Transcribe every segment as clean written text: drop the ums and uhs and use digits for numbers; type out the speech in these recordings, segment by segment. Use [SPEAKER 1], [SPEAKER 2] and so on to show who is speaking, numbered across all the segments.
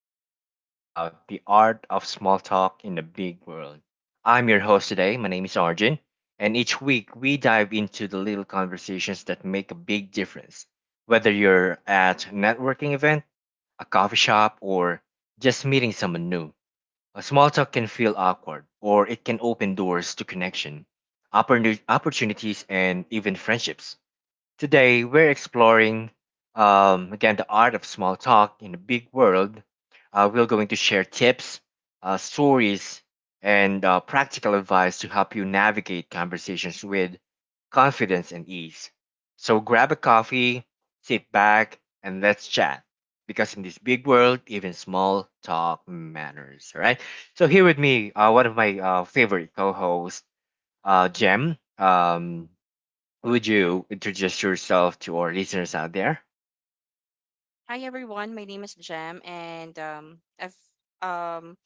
[SPEAKER 1] topic is all about the art of small talk in the big world. I'm your host today. My name is Arjun. And each week, we dive into the little conversations that make a big difference. Whether you're at a networking event, a coffee shop, or just meeting someone new, a small talk can feel awkward or it can open doors to connection, opportunities, and even friendships. Today, we're exploring again the art of small talk in a big world. We're going to share tips, stories, and practical advice to help you navigate conversations with confidence and ease. So grab a coffee, sit back, and let's chat. Because in this big world, even small talk matters. All right. So here with me, one of my favorite co-hosts, Jem. Would you introduce yourself to our listeners out there?
[SPEAKER 2] Hi everyone, my name is Jam, and I've um,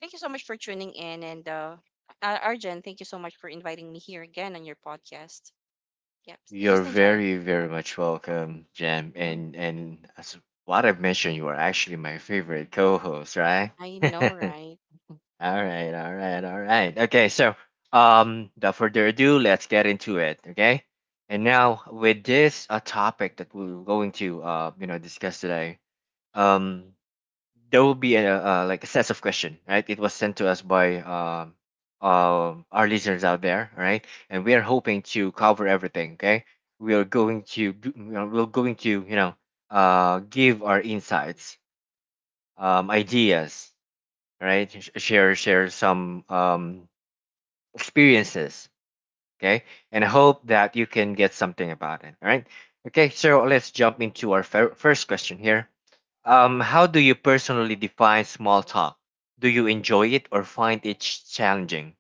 [SPEAKER 2] thank you so much for tuning in, and Arjen, thank you so much for inviting me here again on your podcast. Yep,
[SPEAKER 1] You're
[SPEAKER 2] just enjoy.
[SPEAKER 1] very, very much welcome, Jam.
[SPEAKER 2] hmm
[SPEAKER 1] And as what I've mentioned, you are actually my favorite co-host, right?
[SPEAKER 2] I
[SPEAKER 1] All
[SPEAKER 2] know, right?
[SPEAKER 1] right, all right, all right. Okay, so without further ado, let's get into it. Okay, and now with this a topic that we're going to discuss today. Um, there will be a, like a sets of question, right? It was sent to us by our listeners out there, right? And we are hoping to cover everything. Okay, we are going to do- we are- we're going to give our insights, ideas, right? Share some experiences. Okay. And I hope that you can get something about it. All right. Okay. So let's jump into our first question here. How do you personally define small talk? Do you enjoy it or find it challenging?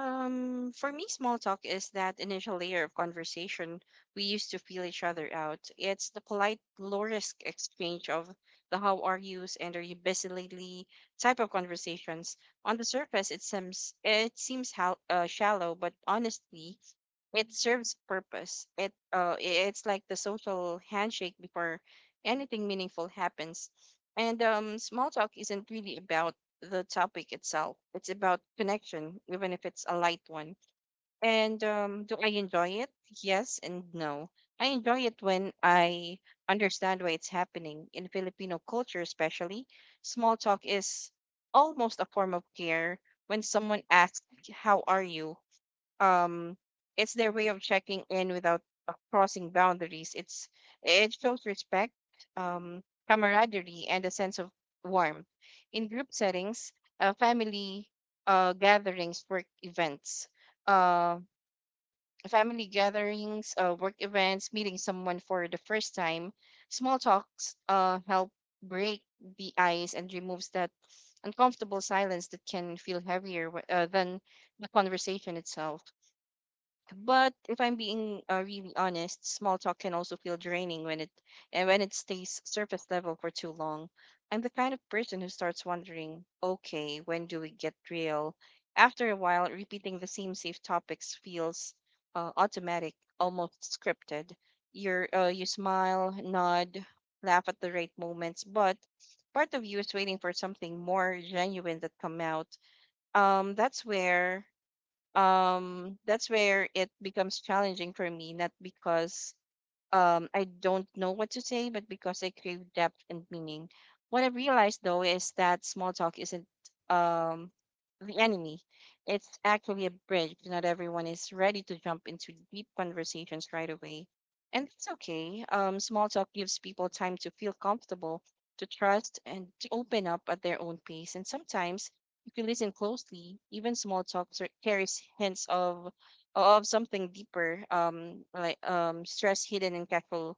[SPEAKER 2] For me, small talk is that initial layer of conversation we used to feel each other out. It's the polite, low risk exchange of the how are yous and are you busy lately type of conversations. On the surface, it seems hal shallow, but honestly, it serves purpose. It's like the social handshake before anything meaningful happens. And small talk isn't really about the topic itself. It's about connection, even if it's a light one. And do I enjoy it? Yes and no. I enjoy it when I understand why it's happening. In Filipino culture, especially, small talk is almost a form of care. When someone asks, how are you? um it's their way of checking in without crossing boundaries. It's it shows respect, um camaraderie, and a sense of warmth in group settings, uh, family uh gatherings work events uh family gatherings, work events, meeting someone for the first time. Small talks help break the ice and removes that uncomfortable silence that can feel heavier than the conversation itself. But if I'm being really honest, small talk can also feel draining when it stays surface level for too long. I'm the kind of person who starts wondering, okay, when do we get real? After a while, repeating the same safe topics feels automatic, almost scripted. You smile, nod, laugh at the right moments, but part of you is waiting for something more genuine that come out. Um, that's where that's where it becomes challenging for me, not because I don't know what to say, but because I crave depth and meaning. What I realized though is that small talk isn't um, the enemy. It's actually a bridge. Not everyone is ready to jump into deep conversations right away, and it's okay. Small talk gives people time to feel comfortable, to trust, and to open up at their own pace. And sometimes, if you listen closely, even small talk carries hints of something deeper, stress hidden in casual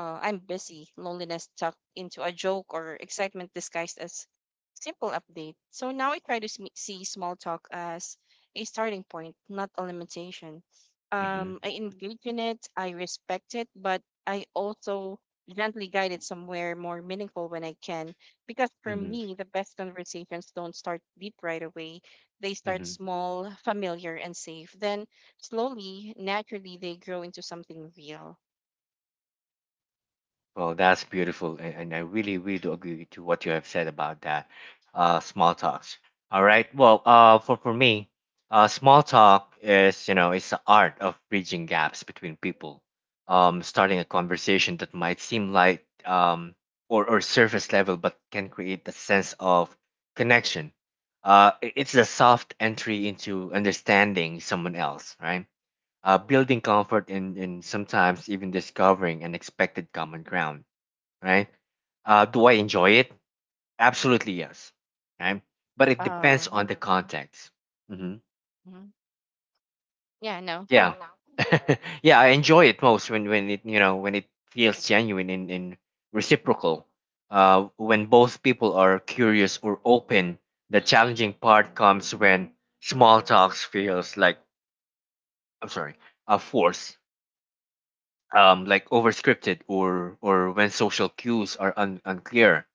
[SPEAKER 2] "I'm busy," loneliness tucked into a joke, or excitement disguised as simple update. So now I try to see small talk as a starting point, not a limitation. I
[SPEAKER 1] Mm-hmm.
[SPEAKER 2] engage in it, I respect it, but I also gently guide it somewhere more meaningful when I can, because for
[SPEAKER 1] Mm-hmm.
[SPEAKER 2] me, the best conversations don't start deep right away. They start
[SPEAKER 1] Mm-hmm.
[SPEAKER 2] small, familiar, and safe, then slowly, naturally, they grow into something real.
[SPEAKER 1] Well, that's
[SPEAKER 2] Yeah.
[SPEAKER 1] beautiful, and, I really, really do agree to what you have said about that. Small talks. All right. Well, for me, small talk is it's the art of bridging gaps between people. Starting a conversation that might seem like or surface level, but can create a sense of connection. It's a soft entry into understanding someone else, right? Building comfort in sometimes even discovering unexpected common ground, right? Do I enjoy it? Absolutely yes. Okay, but it
[SPEAKER 2] Uh,
[SPEAKER 1] depends on the context. Hmm.
[SPEAKER 2] mhm. Yeah, no,
[SPEAKER 1] Yeah, yeah, I enjoy it most when it when it feels genuine and reciprocal. When both people are curious or open, the challenging part comes when small talks feels like, I'm sorry, a force, like overscripted or when social cues are unclear,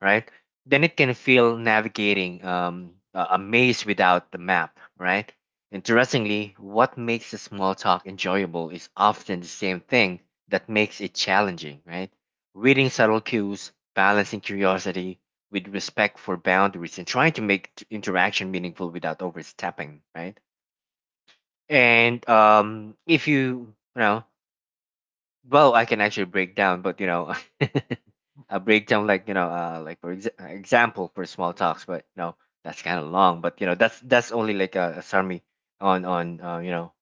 [SPEAKER 1] right? Then it can feel navigating a maze without the map, right? Interestingly, what makes a small talk enjoyable is often the same thing that makes it challenging, right? Reading subtle cues, balancing curiosity with respect for boundaries, and trying to make interaction meaningful without overstepping, right? And if well, I can actually break down, but you know, I break down like you know, like for example for small talks, but you know, that's kind of long. But you know, that's only like a summary on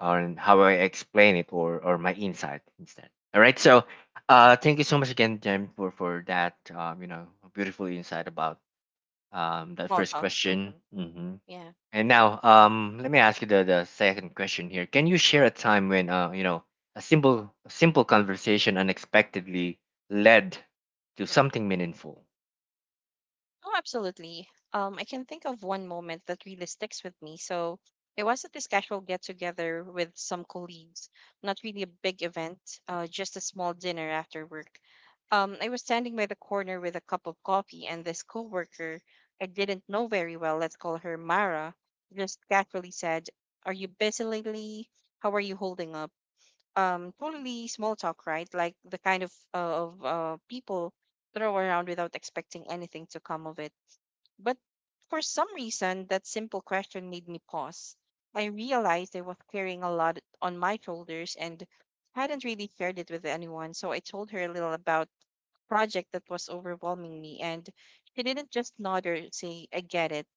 [SPEAKER 1] on how I explain it or my insight instead. All right, so thank you so much again, Jem, for that beautiful insight about that
[SPEAKER 2] small
[SPEAKER 1] first
[SPEAKER 2] talk.
[SPEAKER 1] question. Mhm.
[SPEAKER 2] Yeah.
[SPEAKER 1] And now, let me ask you the second question here. Can you share a time when, a simple conversation unexpectedly led to something meaningful?
[SPEAKER 2] Oh, absolutely. I can think of one moment that really sticks with me. So it was at this casual get together with some colleagues, not really a big event, just a small dinner after work. I was standing by the corner with a cup of coffee, and this coworker I didn't know very well, let's call her Mara, just casually said, "Are you busy lately? How are you holding up?" Totally small talk, right? Like the kind of people throw around without expecting anything to come of it. But for some reason, that simple question made me pause. I realized I was carrying a lot on my shoulders and hadn't really shared it with anyone. So I told her a little about project that was overwhelming me, and she didn't just nod or say "I get it."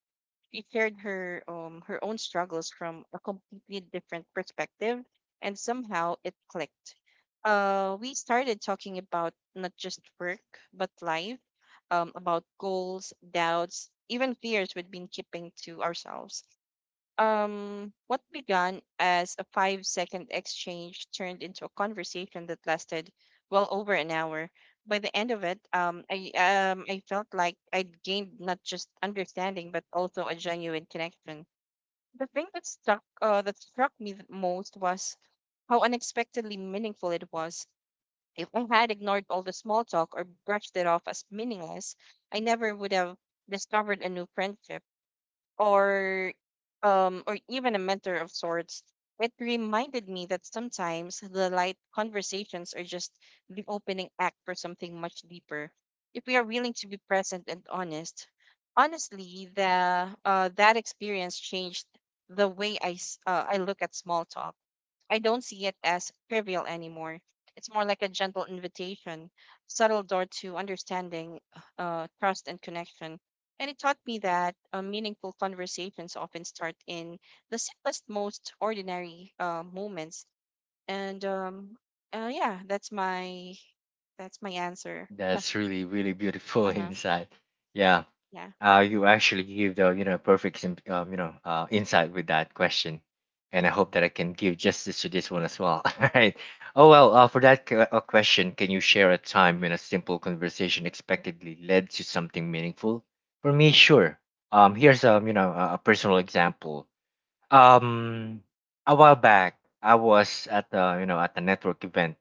[SPEAKER 2] She shared her own struggles from a completely different perspective, and somehow it clicked. We started talking about not just work but life, about goals, doubts, even fears we'd been keeping to ourselves. What began as a 5 second exchange turned into a conversation that lasted well over an hour. By the end of it, I felt like I'd gained not just understanding but also a genuine connection. The thing that stuck that struck me the most was how unexpectedly meaningful it was. If I had ignored all the small talk or brushed it off as meaningless, I never would have discovered a new friendship, or even a mentor of sorts. It reminded me that sometimes the light conversations are just the opening act for something much deeper, if we are willing to be present and honest. Honestly, the that experience changed the way I look at small talk. I don't see it as trivial anymore. It's more like a gentle invitation, subtle door to understanding, trust, and connection. And it taught me that meaningful conversations often start in the simplest, most ordinary moments. And Yeah, that's my answer.
[SPEAKER 1] That's really really beautiful
[SPEAKER 2] Uh huh.
[SPEAKER 1] insight. Yeah.
[SPEAKER 2] Yeah.
[SPEAKER 1] You actually give the perfect insight with that question, and I hope that I can give justice to this one as well. All right. Oh well. For that question, can you share a time when a simple conversation expectedly led to something meaningful? For me, sure. Here's a personal example. Um, a while back, I was at the at the network event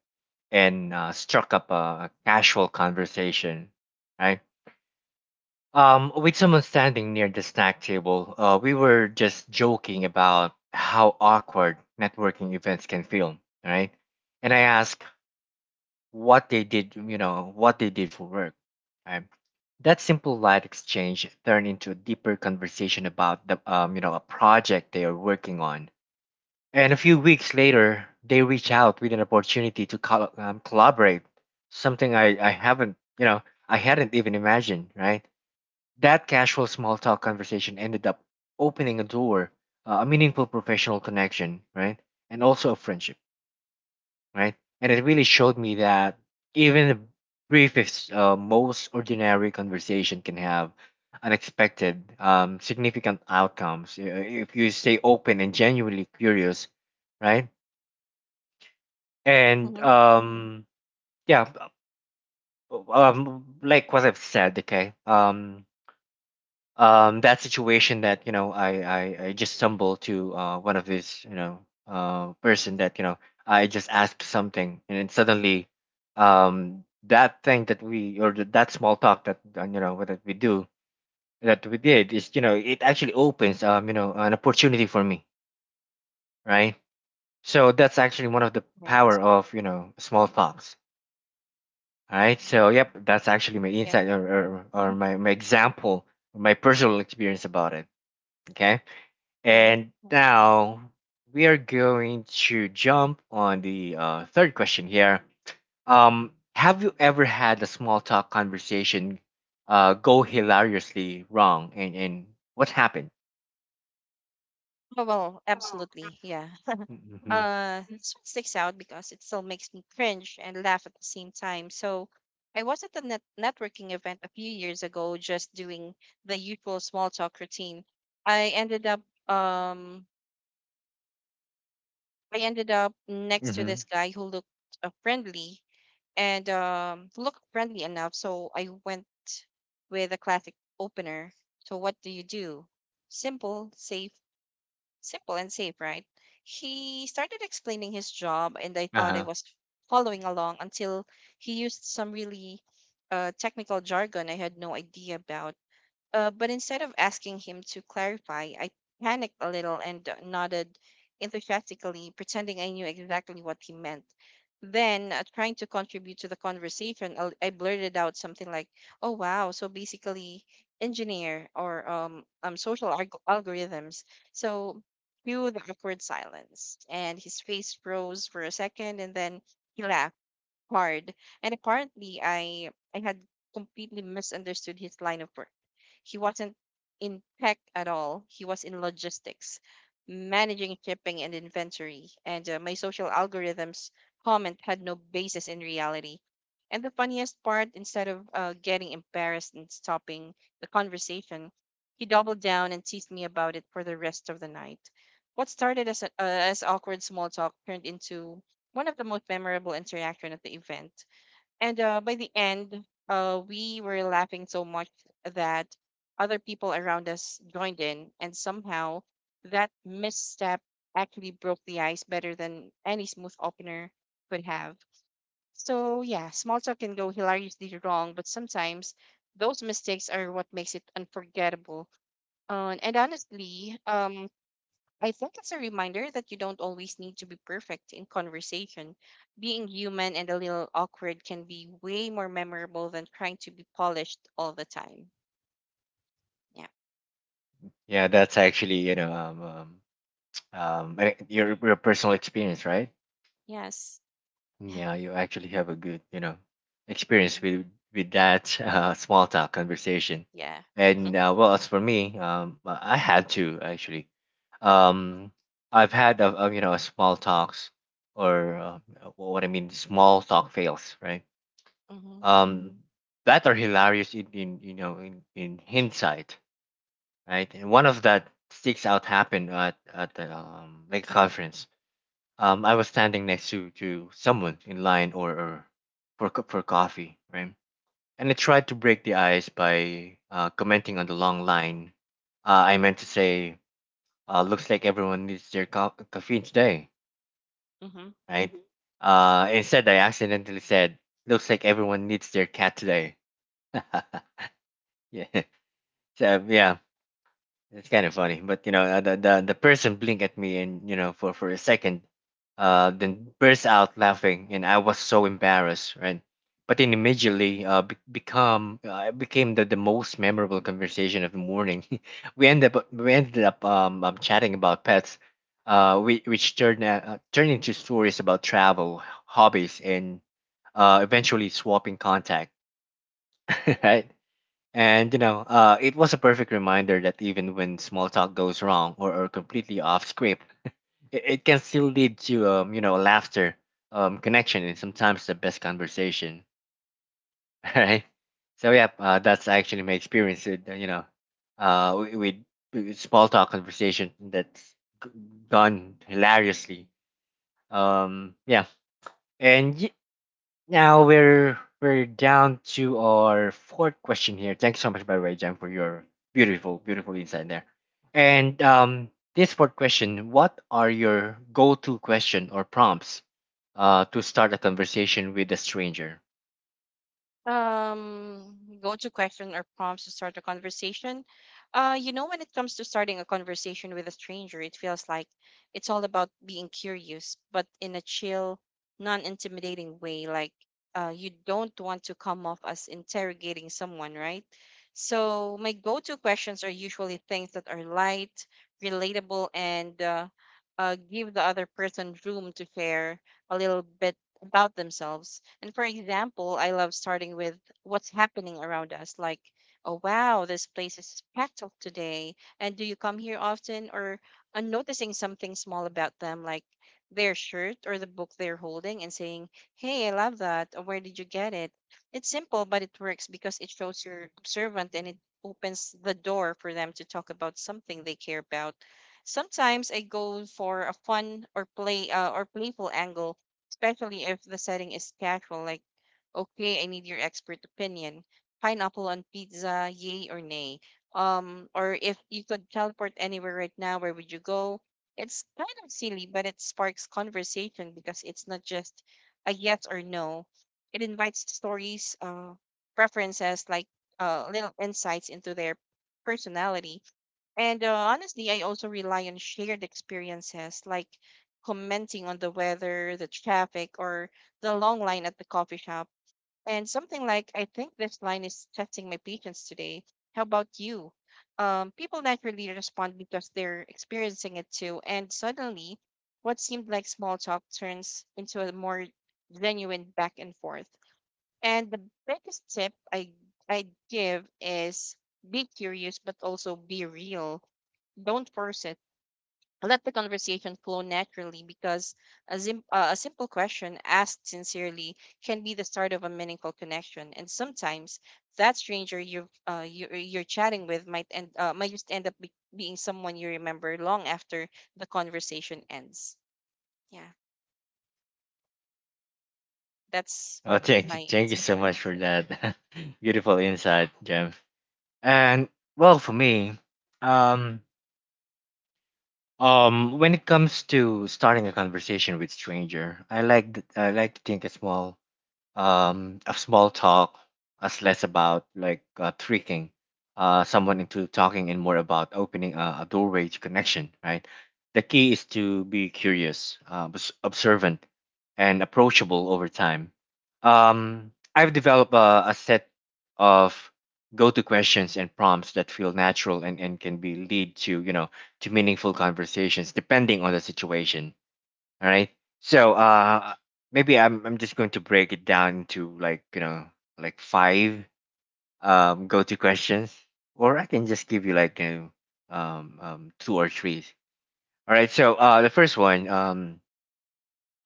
[SPEAKER 1] and struck up a casual conversation, right? With someone standing near the snack table, we were just joking about how awkward networking events can feel, right? And I asked what they did, you know, what they did for work. Right? That simple light exchange turned into a deeper conversation about the, a project they are working on. And a few weeks later, they reach out with an opportunity to collaborate, something I haven't, you know, I hadn't even imagined, right? That casual small talk conversation ended up opening a door, a meaningful professional connection, right? And also a friendship, right? And it really showed me that even the briefest, most ordinary conversation can have unexpected, significant outcomes if you stay open and genuinely curious, right? And
[SPEAKER 2] Uh-huh. Mm.
[SPEAKER 1] yeah, like what I've said, okay? That situation that I just stumbled to one of his person that I just asked something and then suddenly that thing that that small talk that that we do that we did is it actually opens an opportunity for me, right? So that's actually one of the
[SPEAKER 2] Right.
[SPEAKER 1] power of small talks, right? So yep, that's actually my
[SPEAKER 2] Yeah.
[SPEAKER 1] insight or my example, my personal experience about it. Okay.
[SPEAKER 2] Mm-hmm.
[SPEAKER 1] And now we are going to jump on the third question here. Have you ever had a small talk conversation go hilariously wrong, and what happened?
[SPEAKER 2] Oh, well, absolutely. Yeah.
[SPEAKER 1] Mm-hmm.
[SPEAKER 2] This one sticks out because it still makes me cringe and laugh at the same time. So I was at a networking event a few years ago, just doing the usual small talk routine. I ended up um next to
[SPEAKER 1] Mm-hmm.
[SPEAKER 2] this guy who looked friendly and looked friendly enough. So I went with a classic opener. "So what do you do?" Simple, safe Simple and safe, right? He started explaining his job, and I
[SPEAKER 1] Uh
[SPEAKER 2] thought I
[SPEAKER 1] huh.
[SPEAKER 2] was following along until he used some really technical jargon I had no idea about. But instead of asking him to clarify, I panicked a little and nodded enthusiastically, pretending I knew exactly what he meant. Then, trying to contribute to the conversation, I blurted out something like, "Oh wow, so basically, engineer or social algorithms." So, cue the awkward silence, and his face froze for a second, and then he laughed hard. And apparently, I had completely misunderstood his line of work. He wasn't in tech at all. He was in logistics, managing shipping and inventory. And my "social algorithms" comment had no basis in reality. And the funniest part, instead of getting embarrassed and stopping the conversation, he doubled down and teased me about it for the rest of the night. What started as as awkward small talk turned into one of the most memorable interaction at the event. And by the end, we were laughing so much that other people around us joined in, and somehow that misstep actually broke the ice better than any smooth opener could have. So yeah, small talk can go hilariously wrong, but sometimes those mistakes are what makes it unforgettable. And honestly, I think it's a reminder that you don't always need to be perfect in conversation. Being human and a little awkward can be way more memorable than trying to be polished all the time. Yeah.
[SPEAKER 1] Yeah, that's actually your personal experience, right?
[SPEAKER 2] Yes.
[SPEAKER 1] Yeah, you actually have a good, you know, experience
[SPEAKER 2] hmm
[SPEAKER 1] with that small talk conversation.
[SPEAKER 2] Yeah.
[SPEAKER 1] And well, as for me, I had to actually. Um, I've had a a small talks or what I mean small talk fails, right?
[SPEAKER 2] Mm-hmm.
[SPEAKER 1] Um, that are hilarious in in hindsight, right? And one of that sticks out happened at the like conference, I was standing next to someone in line or for for coffee, right? And I tried to break the ice by commenting on the long line. I meant to say, "Looks like everyone needs their caffeine today,"
[SPEAKER 2] Mm-hmm.
[SPEAKER 1] right? Mhm. Instead, I accidentally said, "Looks like everyone needs their cat today." Yeah, so, yeah. It's kind of funny, but you know, the person blinked at me and for a second, then burst out laughing, and I was so embarrassed, right? But then immediately, be- become it became the most memorable conversation of the morning. We ended up chatting about pets, which turned turned into stories about travel, hobbies, and eventually swapping contact, right? And you know, it was a perfect reminder that even when small talk goes wrong or completely off script, it can still lead to laughter, connection, and sometimes the best conversation. Right. So yeah, that's actually my experience with uh, wi- with, with small talk conversation that's g- gone hilariously. Yeah, and y- now we're down to our fourth question here. Thanks so much, by the way, Jan, for your beautiful, beautiful insight there. And this fourth question: what are your go-to question or prompts to start a conversation with a stranger?
[SPEAKER 2] Um, Go-to question or prompts to start a conversation. You know, when it comes to starting a conversation with a stranger, it feels like it's all about being curious, but in a chill, non-intimidating way. Like, you don't want to come off as interrogating someone, right? So my go-to questions are usually things that are light, relatable, and give the other person room to share a little bit about themselves. And for example, I love starting with what's happening around us, like, "Oh, wow, this place is packed up today. And do you come here often?" Or noticing something small about them, like their shirt or the book they're holding, and saying, "Hey, I love that. Or where did you get it?" It's simple, but it works because it shows you're observant, and it opens the door for them to talk about something they care about. Sometimes I go for a fun or play or playful angle, especially if the setting is casual, like, "Okay, I need your expert opinion. Pineapple on pizza, yay or nay?" Or "If you could teleport anywhere right now, where would you go?" It's kind of silly, but it sparks conversation because it's not just a yes or no. It invites stories, preferences, like little insights into their personality. And honestly, I also rely on shared experiences, like commenting on the weather, the traffic, or the long line at the coffee shop. And something like, "I think this line is testing my patience today. How about you?" People naturally respond because they're experiencing it too. And suddenly, what seemed like small talk turns into a more genuine back and forth. And the biggest tip I give is, be curious, but also be real. Don't force it. Let the conversation flow naturally because a simple question asked sincerely can be the start of a meaningful connection. And sometimes that stranger you're chatting with might just end up being someone you remember long after the conversation ends. Yeah, that's
[SPEAKER 1] Oh,
[SPEAKER 2] my
[SPEAKER 1] thank you
[SPEAKER 2] tip.
[SPEAKER 1] so much
[SPEAKER 2] Mhm.
[SPEAKER 1] for that beautiful insight, Jan. And well, for me, um, when it comes to starting a conversation with stranger, I like to think a small of small talk as less about like tricking someone into talking and more about opening a doorway to connection, right? The key is to be curious, observant, and approachable over time. I've developed a set of go-to questions and prompts that feel natural and can be lead to to meaningful conversations depending on the situation, all right. So maybe I'm just going to break it down into like, you know, like five go-to questions or I can just give you like two or three. All right. So the first one,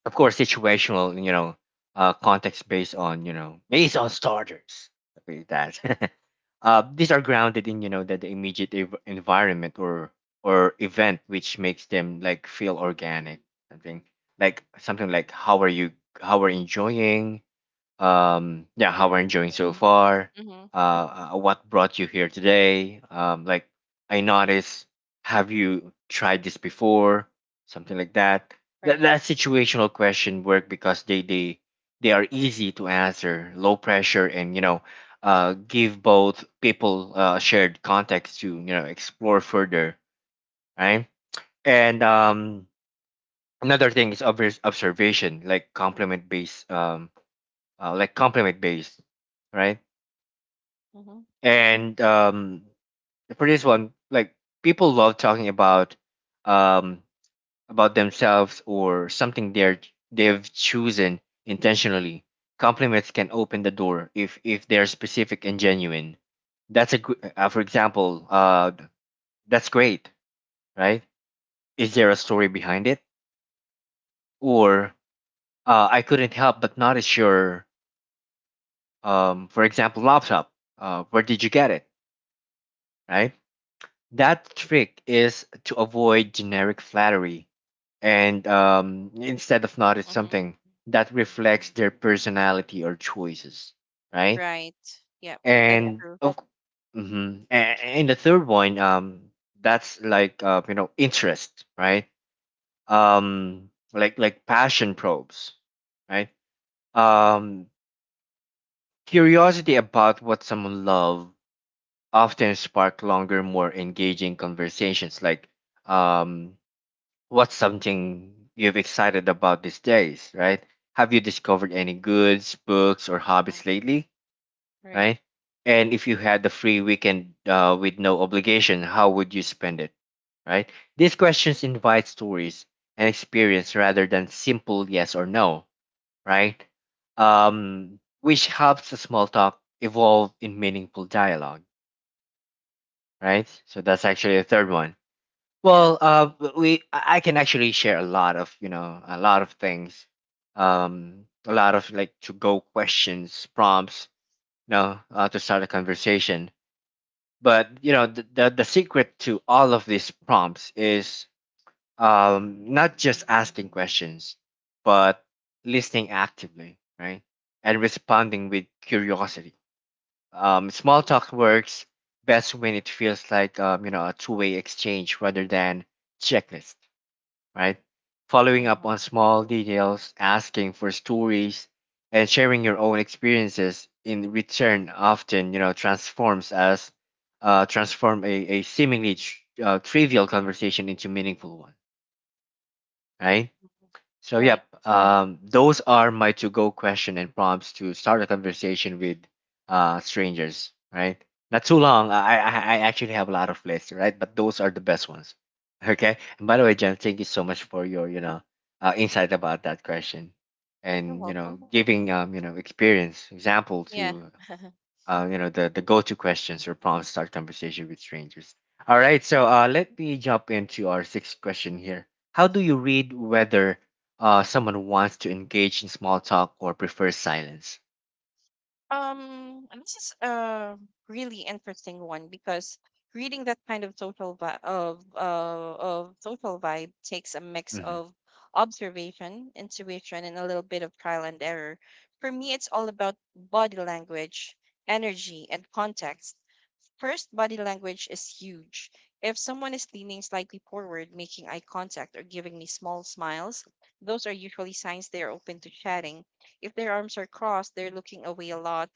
[SPEAKER 1] of course situational, context based on, based on starters. Okay, that these are grounded in, the immediate environment or event, which makes them like feel organic. something Something like, how are you, enjoying? Yeah, how we're
[SPEAKER 2] Yeah.
[SPEAKER 1] enjoying so far.
[SPEAKER 2] Mm-hmm.
[SPEAKER 1] What brought you here today? Like, I noticed, have you tried this before? Something like that. that
[SPEAKER 2] Right.
[SPEAKER 1] that situational question work, because they are easy to answer, low pressure, and, give both people shared context to, explore further, right. And another thing is obvious observation, like compliment based, like compliment based, right?
[SPEAKER 2] Mm-hmm.
[SPEAKER 1] And for this one, like, people love talking about, um, about themselves, or something they've chosen intentionally. Compliments can open the door if they're specific and genuine. That's a good. For example, that's great, right? Is there a story behind it? Or, I couldn't help but notice your, for example, laptop. Where did you get it? Right? That trick is to avoid generic flattery, and instead of notice
[SPEAKER 2] Mm-hmm.
[SPEAKER 1] something that reflects their personality or choices, right.
[SPEAKER 2] Right. Yeah, that's
[SPEAKER 1] And
[SPEAKER 2] true.
[SPEAKER 1] of, hmm And the third one, that's like, interest, right? Like passion probes, right? Um, Curiosity about what someone loves often spark longer, more engaging conversations, like, um what's something you've excited about these days, right? Have you discovered any goods, books, or
[SPEAKER 2] Mm.
[SPEAKER 1] hobbies lately,
[SPEAKER 2] Right.
[SPEAKER 1] right? And if you had the free weekend, with no obligation, how would you spend it, right? These questions invite stories and experience rather than simple yes or no, right? Which helps the small talk evolve in meaningful dialogue, right? So that's actually the third one.
[SPEAKER 2] Yeah.
[SPEAKER 1] Well, we, I can actually share a lot of, a lot of things, a lot of like to go questions, prompts, to start a conversation. But the secret to all of these prompts is not just asking questions, but listening actively, right, and responding with curiosity. Small talk works best when it feels like, a two-way exchange rather than checklist, right? Following
[SPEAKER 2] Mm-hmm.
[SPEAKER 1] up
[SPEAKER 2] Mm-hmm.
[SPEAKER 1] on small details, asking for stories, and sharing your own experiences in return often, transform a seemingly trivial conversation into meaningful one, right. So
[SPEAKER 2] Right.
[SPEAKER 1] yep, those are my to-go question and prompts to start a conversation with strangers. Right? Not too long. I actually have a lot of lists, right? But those are the best ones. Okay. And by the way, Jen, thank you so much for your, insight about that question,
[SPEAKER 2] You're
[SPEAKER 1] and
[SPEAKER 2] welcome.
[SPEAKER 1] giving, experience example
[SPEAKER 2] Yeah.
[SPEAKER 1] to, the go-to questions or prompts to start conversation with strangers. All right, so let me jump into our sixth question here. How do you read whether, someone wants to engage in small talk or prefers silence?
[SPEAKER 2] And this is a really interesting one because reading that kind of social vibe takes a mix
[SPEAKER 1] Hmm.
[SPEAKER 2] of observation, intuition, and a little bit of trial and error. For me, it's all about body language, energy, and context. First, body language is huge. If someone is leaning slightly forward, making eye contact, or giving me small smiles, those are usually signs they are open to chatting. If their arms are crossed, they're looking away a lot,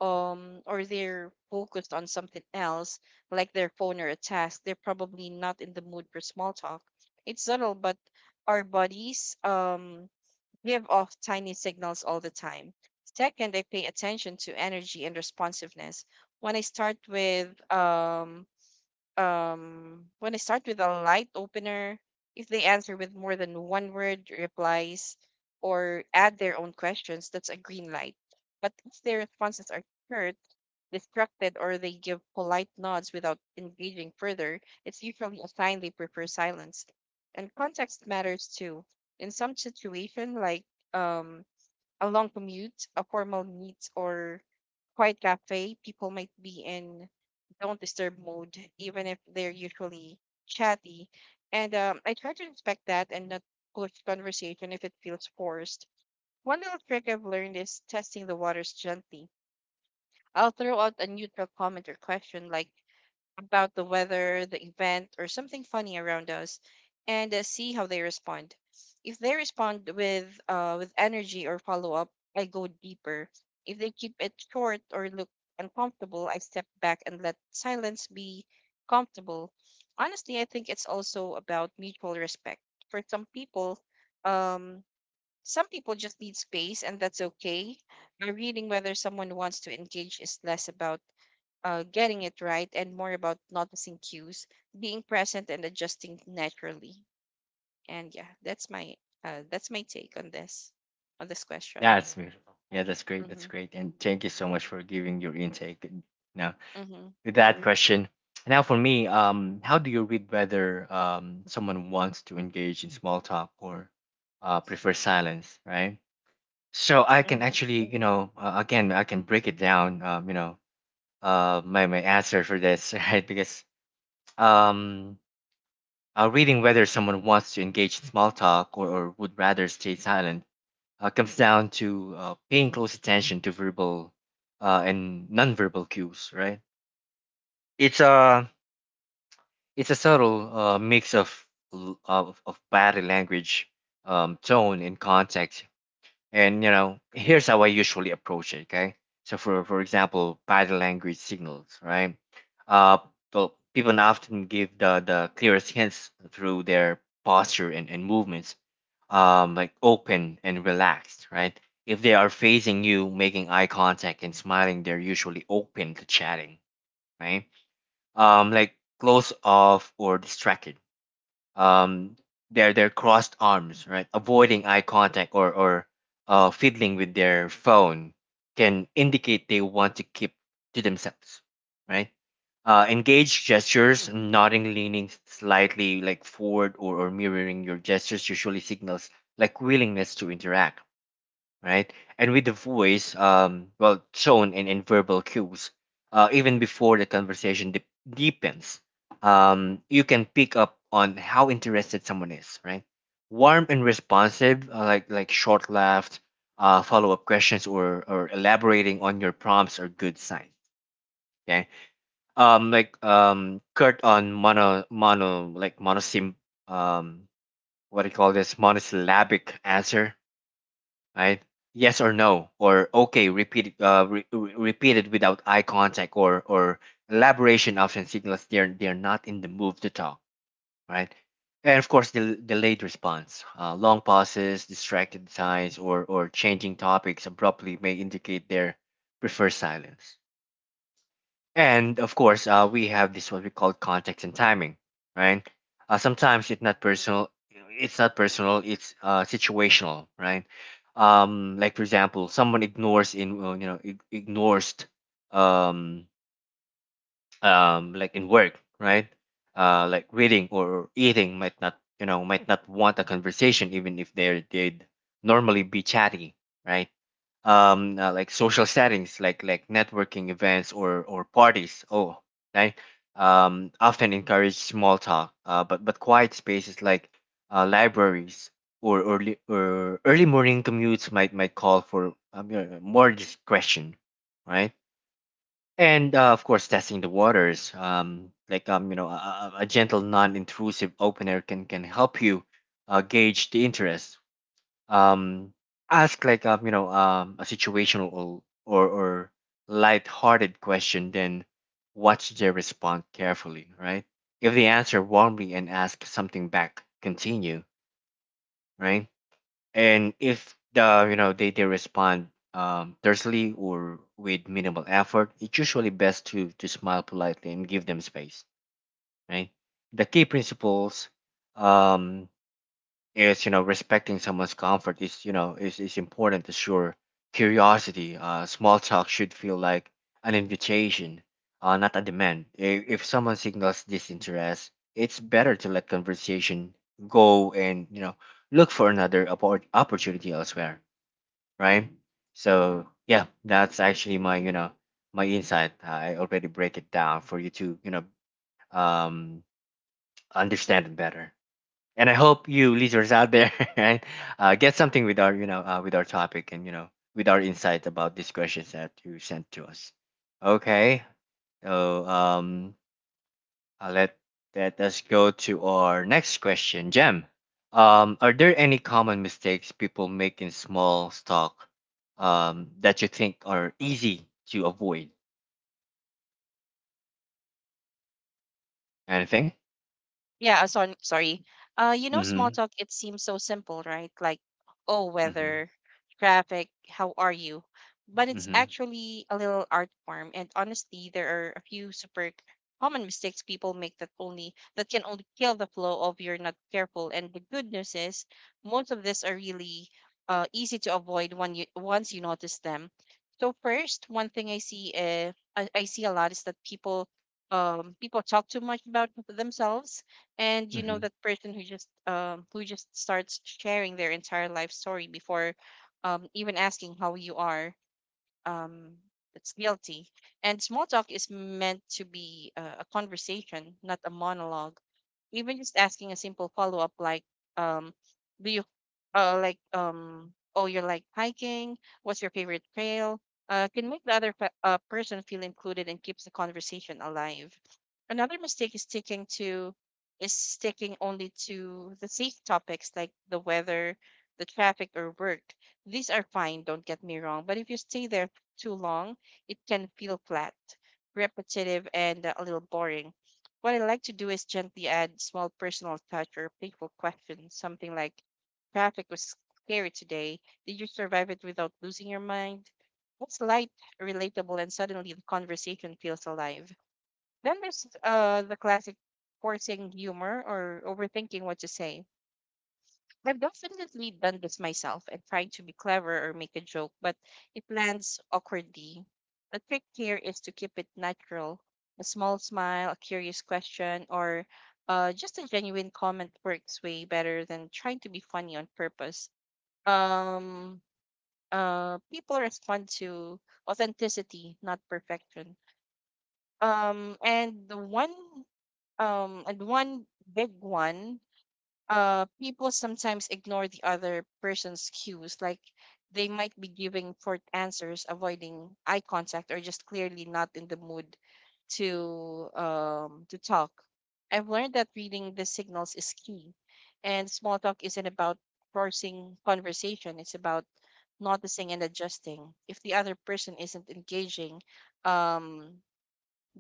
[SPEAKER 2] or they're focused on something else, like their phone or a task, they're probably not in the mood for small talk. It's subtle, but our bodies give off tiny signals all the time. Second, I pay attention to energy and responsiveness. When I start with when I start with a light opener, if they answer with more than one word replies or add their own questions, that's a green light. But if their responses are distracted or they give polite nods without engaging further, it's usually a sign they prefer silence. And context matters too. In some situation, like um, a long commute, a formal meet, or quiet cafe, people might be in don't disturb mode, even if they're usually chatty. And I try to respect that and not push conversation if it feels forced. One little trick I've learned is testing the waters gently. I'll throw out a neutral comment or question like about the weather, the event, or something funny around us, and see how they respond. If they respond with energy or follow up, I go deeper. If they keep it short or look uncomfortable, I step back and let silence be comfortable. Honestly, I think it's also about mutual respect. For some people, um, some people just need space, and that's okay. Reading whether someone wants to engage is less about getting it right and more about noticing cues, being present, and adjusting naturally. And yeah, that's my take on this question.
[SPEAKER 1] That's beautiful. Yeah, that's great. That's
[SPEAKER 2] Mm-hmm.
[SPEAKER 1] great. And thank you so much for giving your intake. And Now,
[SPEAKER 2] Mm-hmm.
[SPEAKER 1] with that question, now for me, how do you read whether, someone wants to engage in small talk or, prefer silence, right? So I can actually, again, I can break it down, my answer for this, right? Because, um, reading whether someone wants to engage in small talk or would rather stay silent, comes down to, paying close attention to verbal, and nonverbal cues, right? It's a it's a subtle mix of, of body language, tone, and context. And you know, here's how I usually approach it. Okay, so for example, body language signals, right? Uh, the people often give the clearest hints through their posture and movements, like open and relaxed, right? If they are facing you, making eye contact and smiling, they're usually open to chatting, right? Like close off or distracted, um, their crossed arms, right? Avoiding eye contact or, fiddling with their phone can indicate they want to keep to themselves, right. Engaged gestures, nodding, leaning slightly like forward, or mirroring your gestures, usually signals like willingness to interact, right? And with the voice, well, tone and verbal cues, even before the conversation deepens, you can pick up on how interested someone is, right? Warm and responsive, like short laughs, follow up questions, or elaborating on your prompts are good signs. Okay, like, curt on, mono mono like monosim um, what do you call this, monosyllabic answer, right? Yes or no, or okay, repeat it, repeat it without eye contact or elaboration often signals they're not in the mood to talk, right. And of course, the delayed response, long pauses, distracted signs, or changing topics abruptly may indicate their preferred silence. And of course, we have this what we call context and timing, right? Sometimes it's not personal. It's not personal. It's situational, right? Like for example, someone ignores in, well, ignores, um, like in work, right? Like reading or eating might not, might not want a conversation, even if they'd normally be chatty, right. Like social settings, like networking events or parties. Oh, right. Often encourage small talk, but quiet spaces like, libraries, or early morning commutes, might call for, more discretion, right. And of course, testing the waters, like, a gentle, non-intrusive open air can help you gauge the interest. um Ask like, a situational or light-hearted question, then watch their response carefully, right. If they answer warmly and ask something back, continue, right. And if the, they respond tersely or with minimal effort, it's usually best to smile politely and give them space, right. The key principles, um is, respecting someone's comfort is, is important to sure curiosity. Small talk should feel like an invitation, not a demand. If someone signals disinterest, it's better to let conversation go, and look for another opportunity elsewhere, right. So yeah, that's actually my, my insight. I already break it down for you to, um understand it better. And I hope you listeners out there, right, get something with our, you know, with our topic, and you know, with our insight about these questions that you sent to us. Okay, so, I'll let us go to our next question, Jem. Are there any common mistakes people make in small stock, that you think are easy to avoid? Anything?
[SPEAKER 2] Yeah, so, I'm sorry. Small
[SPEAKER 1] Mm-hmm.
[SPEAKER 2] talk, it seems so simple, right? Like, oh,
[SPEAKER 1] Mm-hmm.
[SPEAKER 2] weather, traffic, how are you? But it's
[SPEAKER 1] Mm-hmm.
[SPEAKER 2] actually a little art form. And honestly, there are a few super common mistakes people make that can only kill the flow if you're not careful. And the good news is most of these are really easy to avoid when you once you notice them. So first, one thing I see a lot is that people talk too much about themselves, and
[SPEAKER 1] Mm-hmm.
[SPEAKER 2] that person who just starts sharing their entire life story before even asking how you are. um, that's guilty. And small talk is meant to be a conversation, not a monologue. Even just asking a simple follow up, like, um, do you, oh, you're like hiking? What's your favorite trail? Can make the other person feel included and keeps the conversation alive. Another mistake is sticking only to the safe topics like the weather, the traffic, or work. These are fine, don't get me wrong. But if you stay there too long, it can feel flat, repetitive, and a little boring. What I like to do is gently add small personal touch or playful questions, something like, "Traffic was scary today. Did you survive it without losing your mind?" It's light, relatable, and suddenly the conversation feels alive. Then there's the classic forcing humor or overthinking what to say. I've definitely done this myself and trying to be clever or make a joke, but it lands awkwardly. The trick here is to keep it natural. A small smile, a curious question, or just a genuine comment works way better than trying to be funny on purpose. Um, People respond to authenticity, not perfection. Um, and the one, and one big one: people sometimes ignore the other person's cues, like they might be giving short answers, avoiding eye contact, or just clearly not in the mood to talk. I've learned that reading the signals is key, and small talk isn't about forcing conversation. It's about noticing and adjusting. If the other person isn't engaging, um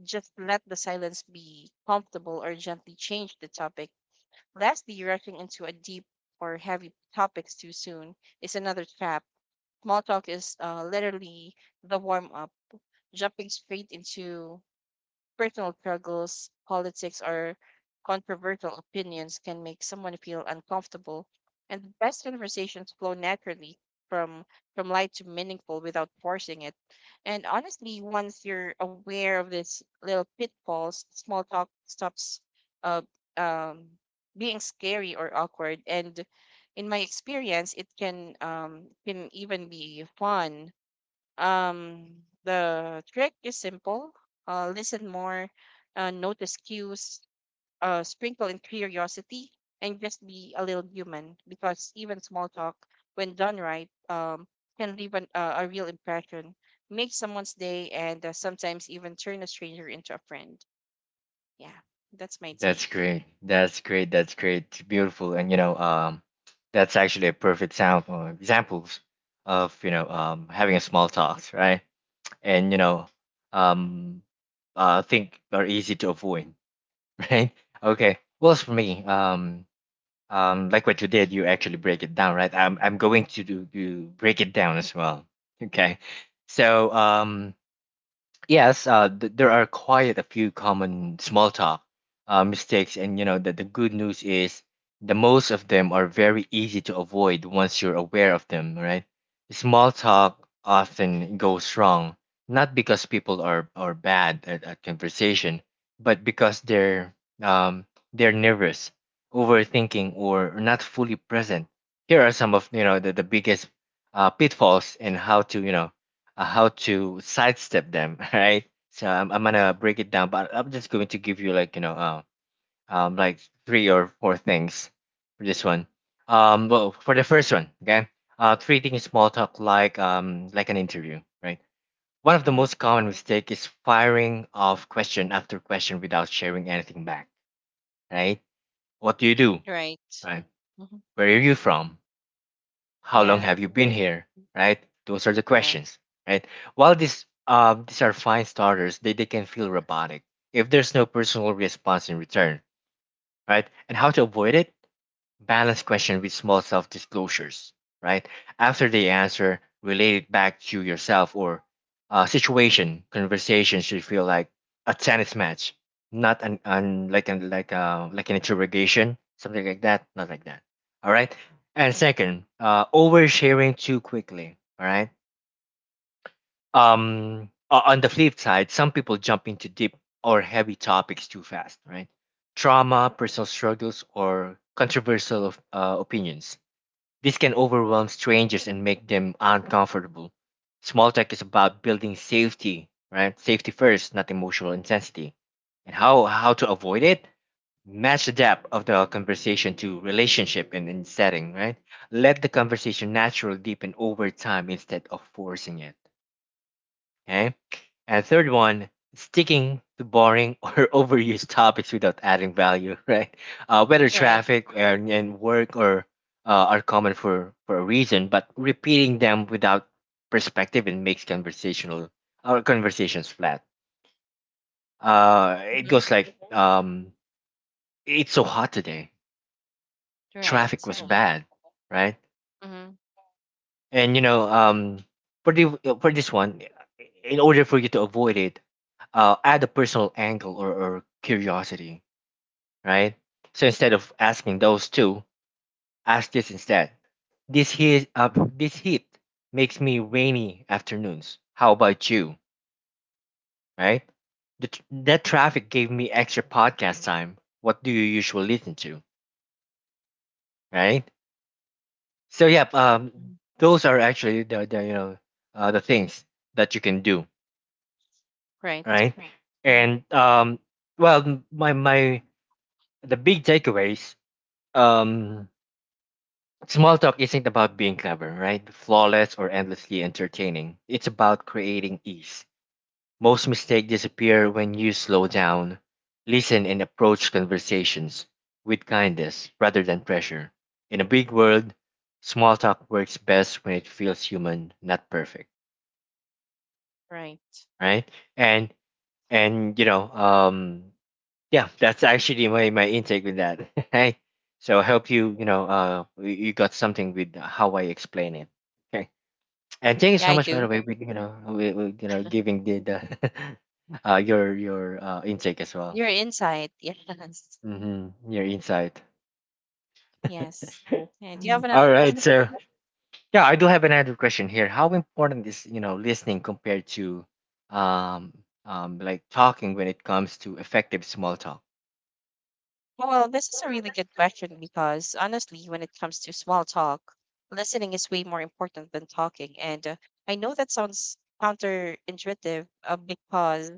[SPEAKER 2] just let the silence be comfortable, or gently change the topic. Lastly, rushing into a deep or heavy topics too soon is another trap. Small talk is literally the warm up. Jumping straight into personal struggles, politics, or controversial opinions can make someone feel uncomfortable, and the best conversations flow naturally from from light to meaningful without forcing it. And honestly, once you're aware of these little pitfalls, small talk stops uh, um, being scary or awkward. And in my experience, it can even be fun. The trick is simple. Listen more, notice cues, sprinkle in curiosity, and just be a little human because even small talk, when done right, can leave a real impression, make someone's day, and sometimes even turn a stranger into a friend. Yeah, that's my
[SPEAKER 1] That's
[SPEAKER 2] take.
[SPEAKER 1] great. That's great. That's great. Beautiful. And you know, that's actually a perfect sample, examples of, having a small talks, right? And you know, um, think are easy to avoid, right? Okay. Well, as for me, like what you did, you actually break it down, right? I'm going to do break it down as well. Okay. So, yes, there are quite a few common small talk mistakes, and you know that the good news is, the most of them are very easy to avoid once you're aware of them, right. Small talk often goes wrong, not because people are bad at conversation, but because um, they're nervous, overthinking, or not fully present. Here are some of, the biggest, pitfalls, and how to, how to sidestep them, right? So I'm gonna break it down, but I'm just going to give you, like, like three or four things for this one. Well, for the first one, okay, treating small talk like, like an interview, right? One of the
[SPEAKER 2] Mm-hmm.
[SPEAKER 1] most common mistake is firing off question after question without sharing anything back, right? What do you do,
[SPEAKER 2] Right.
[SPEAKER 1] right?
[SPEAKER 2] Hmm.
[SPEAKER 1] Where are you from? How long
[SPEAKER 2] Yeah.
[SPEAKER 1] have you been
[SPEAKER 2] Hmm.
[SPEAKER 1] here, right? Those are the
[SPEAKER 2] Yeah.
[SPEAKER 1] questions, right. While these, these are fine starters, they can feel robotic if there's no personal response in return, right. And how to avoid it? Balance question with small self disclosures, right. After they answer, relate it back to yourself or, situation. Conversation should feel like a tennis match, not an, an like an interrogation, something like that, not like that. All right. And second, oversharing too quickly. All right. On the flip side, some people jump into deep or heavy topics too fast, right? Trauma, personal struggles, or controversial opinions, this can overwhelm strangers and make them uncomfortable. Small talk is about building safety, right? Safety first, not emotional intensity. And how to avoid it? Match the depth of the conversation to relationship and setting, right? Let the conversation naturally deepen over time instead of forcing it. Okay. And third one, sticking to boring or overused topics without adding value, right? Whether
[SPEAKER 2] Right.
[SPEAKER 1] traffic and work or are common for a reason, but repeating them without perspective and makes conversational our conversations flat. It
[SPEAKER 2] Hmm.
[SPEAKER 1] goes like, it's so hot today.
[SPEAKER 2] Right.
[SPEAKER 1] Traffic was bad, right?
[SPEAKER 2] Uh-huh. Mm.
[SPEAKER 1] And for the for this one, in order for you to avoid it, add a personal angle or curiosity, right? So instead of asking those two, ask this instead. This heat, uh, this heat makes me rainy afternoons. How about you, right? That traffic gave me extra podcast time. What do you usually listen to, right? So yeah,
[SPEAKER 2] Mhm.
[SPEAKER 1] those are actually the the things that you can do,
[SPEAKER 2] Right.
[SPEAKER 1] right?
[SPEAKER 2] Mm-hmm.
[SPEAKER 1] And well, my the big takeaways. Um, Small talk isn't about being clever, right? Flawless or endlessly entertaining. It's about creating ease. Most mistakes disappear when you slow down, listen, and approach conversations with kindness rather than pressure. In a big world, small talk works best when it feels human, not perfect,
[SPEAKER 2] Right.
[SPEAKER 1] right? And and yeah, that's actually my my intake with that. Hey, so I
[SPEAKER 2] Yep.
[SPEAKER 1] hope you you know you you got something with how I explain it. Okay. And thank you
[SPEAKER 2] Yeah,
[SPEAKER 1] so
[SPEAKER 2] I
[SPEAKER 1] much, by the
[SPEAKER 2] do.
[SPEAKER 1] way, with with, giving the your intake as well.
[SPEAKER 2] Your insight. Yes.
[SPEAKER 1] Mm-hmm. Your insight.
[SPEAKER 2] Yes. Yeah, do you have another
[SPEAKER 1] All right,
[SPEAKER 2] question
[SPEAKER 1] so
[SPEAKER 2] for me?
[SPEAKER 1] yeah, I do have another question here. How important is listening compared to um like talking when it comes to effective small talk?
[SPEAKER 2] Oh, well, this is a really good question because honestly, when it comes to small talk, listening is way more important than talking. And I know that sounds counterintuitive because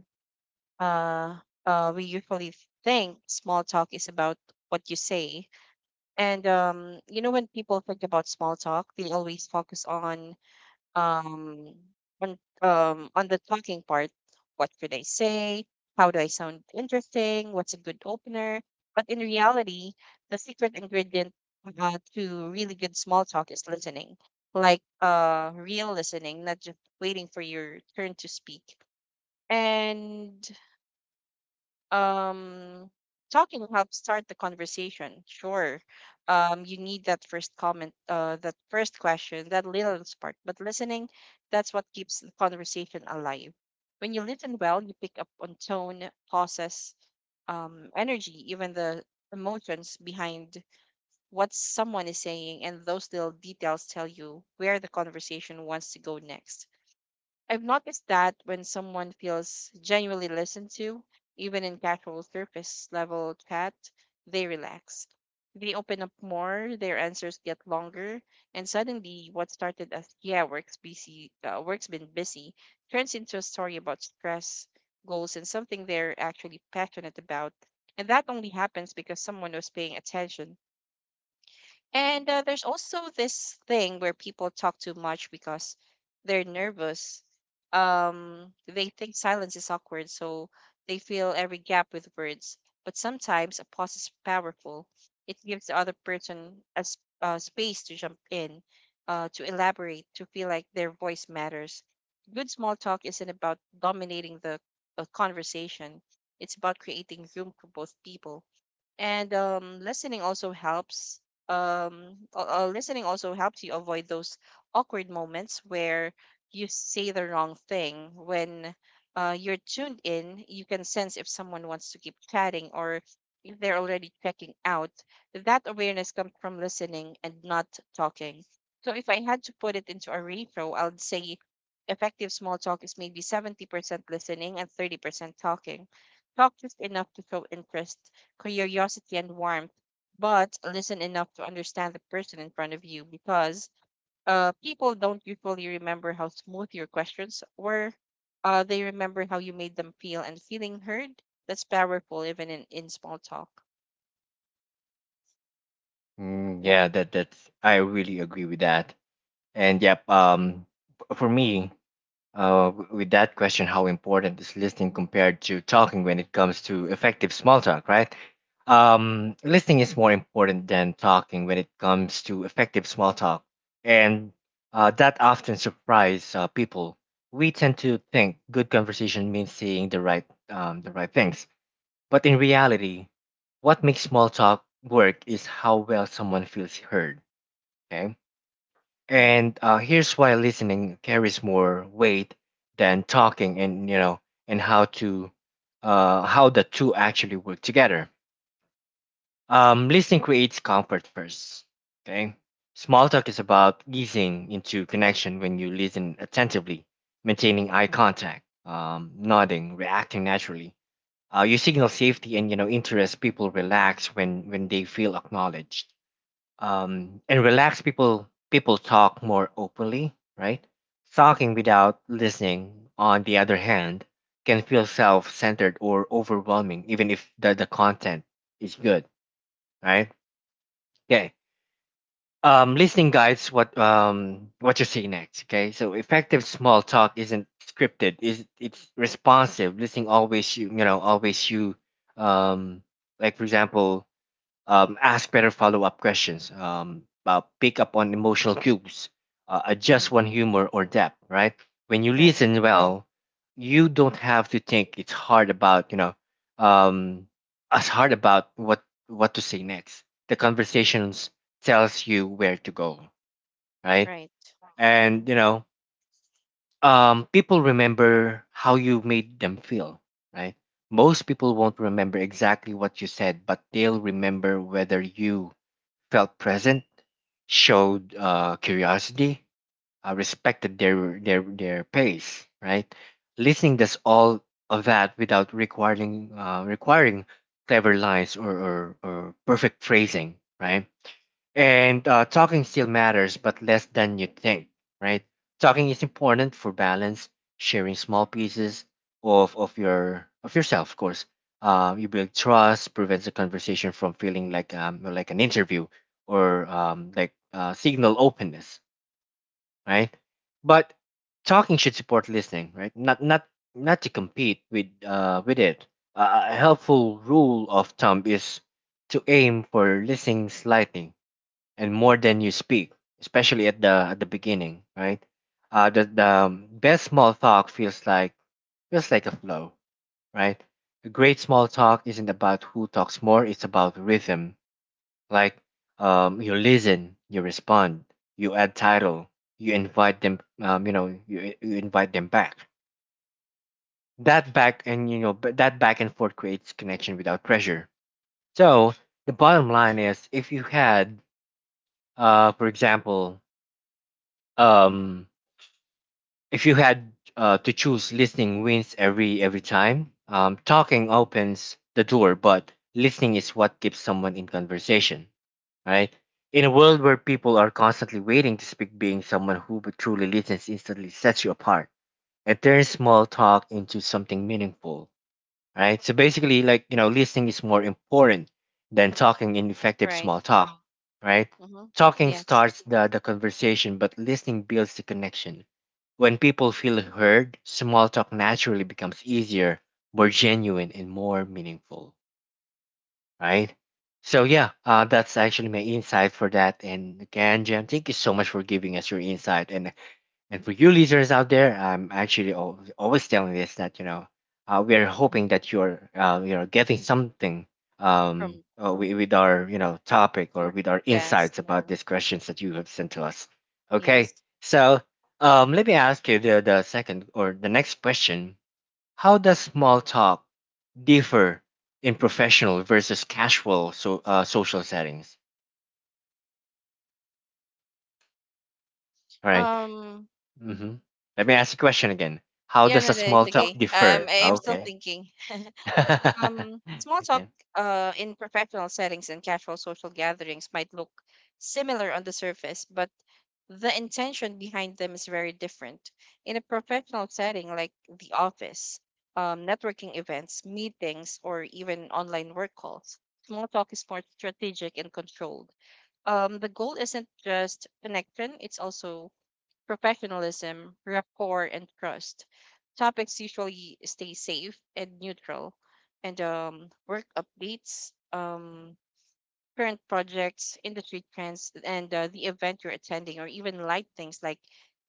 [SPEAKER 2] uh, we usually think small talk is about what you say. And when people think about small talk, they always focus um on the talking part. What should I say? How do I sound interesting? What's a good opener? But in reality, the secret ingredient, to really good small talk is listening. Like real listening, not just waiting for your turn to speak. And um talking helps start the conversation, sure. You need that first comment, that first question, that little spark. But listening, that's what keeps the conversation alive. When you listen well, you pick up on tone, pauses, energy, even the emotions behind what someone is saying, and those little details tell you where the conversation wants to go next. I've noticed that when someone feels genuinely listened to, even in casual surface level chat, they relax. They open up more, their answers get longer, and suddenly what started as "yeah, work's been busy," turns into a story about stress, goals, and something they're actually passionate about. And that only happens because someone was paying attention. And there's also this thing where people talk too much because they're nervous. They think silence is awkward, so they fill every gap with words. But sometimes a pause is powerful. It gives the other person a space to jump in, to elaborate, to feel like their voice matters. Good small talk isn't about dominating the conversation. It's about creating room for both people. And listening also helps you avoid those awkward moments where you say the wrong thing. When you're tuned in, you can sense if someone wants to keep chatting or if they're already checking out. That awareness comes from listening and not talking. So if I had to put it into a ratio, I'd say effective small talk is maybe 70% listening and 30% talking. Talk just enough to show interest, curiosity, and warmth, but listen enough to understand the person in front of you because people don't usually remember how smooth your questions were. They remember how you made them feel, and feeling heard. That's powerful, even in small talk.
[SPEAKER 1] Mm,
[SPEAKER 2] Yeah.
[SPEAKER 1] yeah, that that's I really agree with that. And yep, for me, with that question, how important is listening compared to talking when it comes to effective small talk, right? Listening is more important than talking when it comes to effective small talk, and that often surprises people. We tend to think good conversation means saying the right things, but in reality, what makes small talk work is how well someone feels heard. Okay.
[SPEAKER 2] Mm-hmm.
[SPEAKER 1] And here's why listening carries more weight than talking, and and how to, how the two actually work together. Listening creates comfort first. Okay, small talk is about easing into connection when you listen attentively, maintaining eye contact, nodding, reacting naturally. You signal safety and interest. People relax when they feel acknowledged, and relaxed people talk more openly, right? Talking without listening, on the other hand, can feel self-centered or overwhelming, even if the, the content is good, right? Okay. Listening guides what you see next. Okay, so effective small talk isn't scripted, is, it's responsive listening, always you you know always you. um like for example, ask better follow up questions, pick up on emotional cues,
[SPEAKER 2] Mm-hmm.
[SPEAKER 1] adjust one humor or depth, right? When you
[SPEAKER 2] Right.
[SPEAKER 1] listen well, you don't have to think it's hard about, um, as hard about what to say next. The conversations tells you where to go, right?
[SPEAKER 2] Right. Mm-hmm.
[SPEAKER 1] And people remember how you made them feel, right? Most people won't remember exactly what you said, but they'll remember whether you felt present, showed curiosity, respected their pace, right? Listening does all of that without requiring clever lines or perfect phrasing, right? And talking still matters, but less than you think, right? Talking is important for balance, sharing small pieces of your of yourself, of course. You build trust, prevents a conversation from feeling like an interview or signal openness, right? But talking should support listening, right? Not to compete with it. A helpful rule of thumb is to aim for listening slightly and more than you speak, especially at the beginning, right? The Best small talk feels like a flow, right? A great small talk isn't about who talks more; it's about rhythm. Like you listen, you respond, you add title, you invite them, you invite them back. That back and forth creates connection without pressure. So the bottom line is, if you had, for example, um, if you had to choose, listening wins every time. Talking opens the door, but listening is what keeps someone in conversation, right? In a world where people are constantly waiting to speak, being someone who truly listens instantly sets you apart and turns small talk into something meaningful, right? So basically, like, listening is more important than talking in effective
[SPEAKER 2] Right.
[SPEAKER 1] small talk, right?
[SPEAKER 2] Mm-hmm.
[SPEAKER 1] Talking
[SPEAKER 2] Yes.
[SPEAKER 1] starts the conversation, but listening builds the connection. When people feel heard, small talk naturally becomes easier, more genuine, and more meaningful, right? So, yeah, that's actually my insight for that. And again, Jem, thank you so much for giving us your insight. And for you listeners out there, I'm actually, always telling this that we are
[SPEAKER 2] Uh-huh.
[SPEAKER 1] hoping that you're getting something,
[SPEAKER 2] From,
[SPEAKER 1] with our topic or
[SPEAKER 2] from-
[SPEAKER 1] with our
[SPEAKER 2] yes.
[SPEAKER 1] insights about these questions that you have sent to us. Okay,
[SPEAKER 2] Yes.
[SPEAKER 1] so
[SPEAKER 2] Mm-hmm.
[SPEAKER 1] let me ask you the second or the next question: How does small talk differ in professional versus casual social settings? All right.
[SPEAKER 2] Um.
[SPEAKER 1] Mm-hmm. Let me ask the question again. How
[SPEAKER 2] Yeah.
[SPEAKER 1] does
[SPEAKER 2] No.
[SPEAKER 1] a
[SPEAKER 2] No. It's
[SPEAKER 1] small talk…
[SPEAKER 2] okay. I am still
[SPEAKER 1] Okay.
[SPEAKER 2] thinking. Small talk
[SPEAKER 1] Okay.
[SPEAKER 2] in professional settings and casual social gatherings might look similar on the surface, but the intention behind them is very different. In a professional setting like the office, networking events, meetings, or even online work calls, small talk is more strategic and controlled. The goal isn't just connection, it's also professionalism, rapport, and trust. Topics usually stay safe and neutral, and work updates, current projects, industry trends, and the event you're attending, or even light things like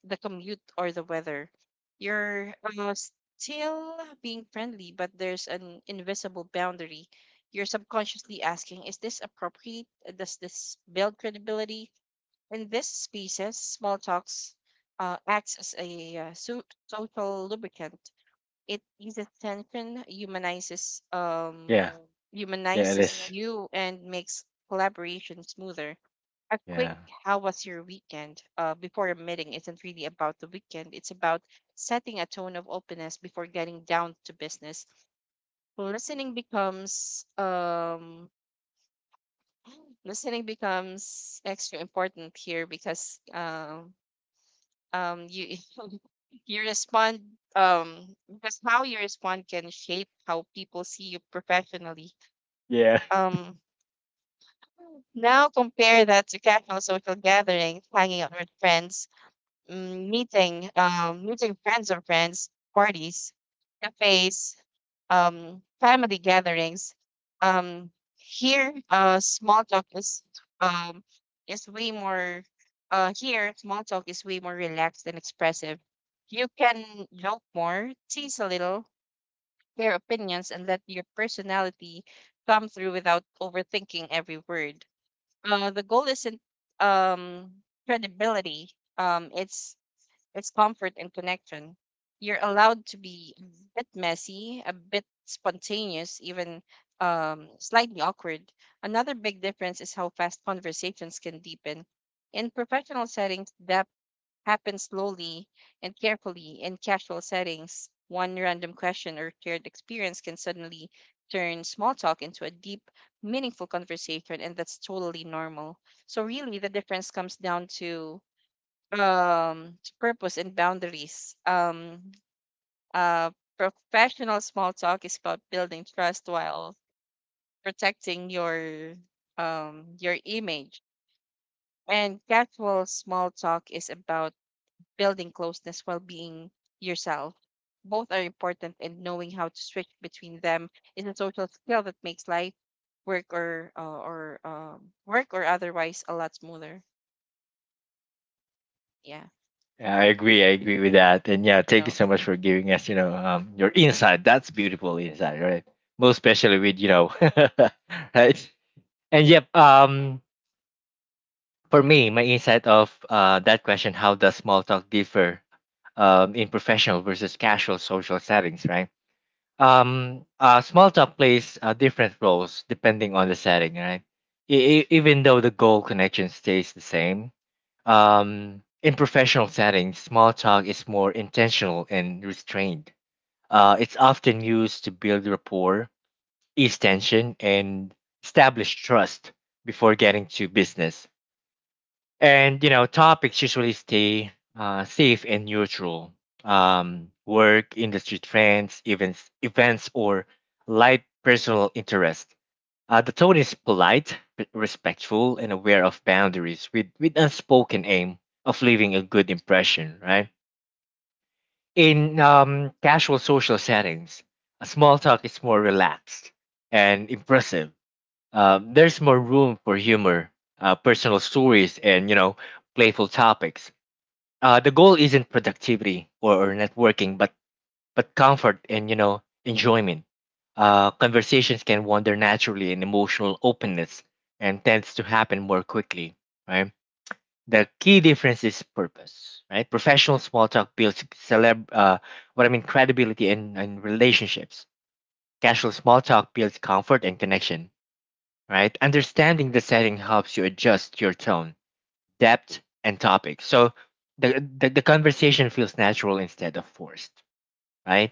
[SPEAKER 2] the commute or the weather. You're still being friendly, but there's an invisible boundary. You're subconsciously asking, is this appropriate? Does this build credibility? In this species, small talks acts as a social lubricant. It eases tension, humanizes um,
[SPEAKER 1] Yeah. Yeah, it
[SPEAKER 2] humanizes
[SPEAKER 1] is.
[SPEAKER 2] you, and makes collaboration smoother. A quick
[SPEAKER 1] Yeah.
[SPEAKER 2] "How was your weekend?" Before a meeting isn't really about the weekend. It's about setting a tone of openness before getting down to business. Listening becomes um, listening becomes extra important here because you You respond because how you respond can shape how people see you professionally.
[SPEAKER 1] Yeah.
[SPEAKER 2] Um Now compare that to casual social gatherings, hanging out with friends, meeting friends of friends, parties, cafes, family gatherings. um here small talk um is way more Here small talk is way more relaxed and expressive. You can joke more, tease a little, share opinions, and let your personality come through without overthinking every word. Uh the goal isn't um credibility, it's is comfort and connection. You're allowed to be a bit messy, a bit spontaneous, even slightly awkward. Another big difference is how fast conversations can deepen. In professional settings, depth happens slowly and carefully. In casual settings, one random question or shared experience can suddenly turn small talk into a deep, meaningful conversation, and that's totally normal. So, really, the difference comes down to purpose and boundaries. Uh Professional small talk is about building trust while protecting your image, and casual small talk is about building closeness while being yourself. Both are important, and knowing how to switch between them is a social skill that makes life, work or otherwise, a lot smoother. Yeah.
[SPEAKER 1] Yeah, I agree. I agree with that. And yeah, thank you
[SPEAKER 2] No.
[SPEAKER 1] so much for giving us, your insight. That's beautiful insight, right? Most especially with, you know, right? And yep, for me, my insight of that question, how does small talk differ in professional versus casual social settings, right? Small talk plays different roles depending on the setting, right? Even though the goal connection stays the same, in professional settings small talk is more intentional and restrained. It's often used to build rapport, ease tension, and establish trust before getting to business. And topics usually stay safe and neutral, work industry trends events or light personal interest. The tone is polite, respectful and aware of boundaries, with unspoken aim of leaving a good impression, right? In casual social settings, a small talk is more relaxed and impressive. There's more room for humor, personal stories, and playful topics. The goal isn't productivity or networking, but comfort and enjoyment. Conversations can wander naturally, and emotional openness and tends to happen more quickly. Right. The key difference is purpose. Right. Professional small talk builds celeb. What I mean, credibility and relationships. Casual small talk builds comfort and connection. Right. Understanding the setting helps you adjust your tone depth, and topic. So the conversation feels natural instead of forced, right?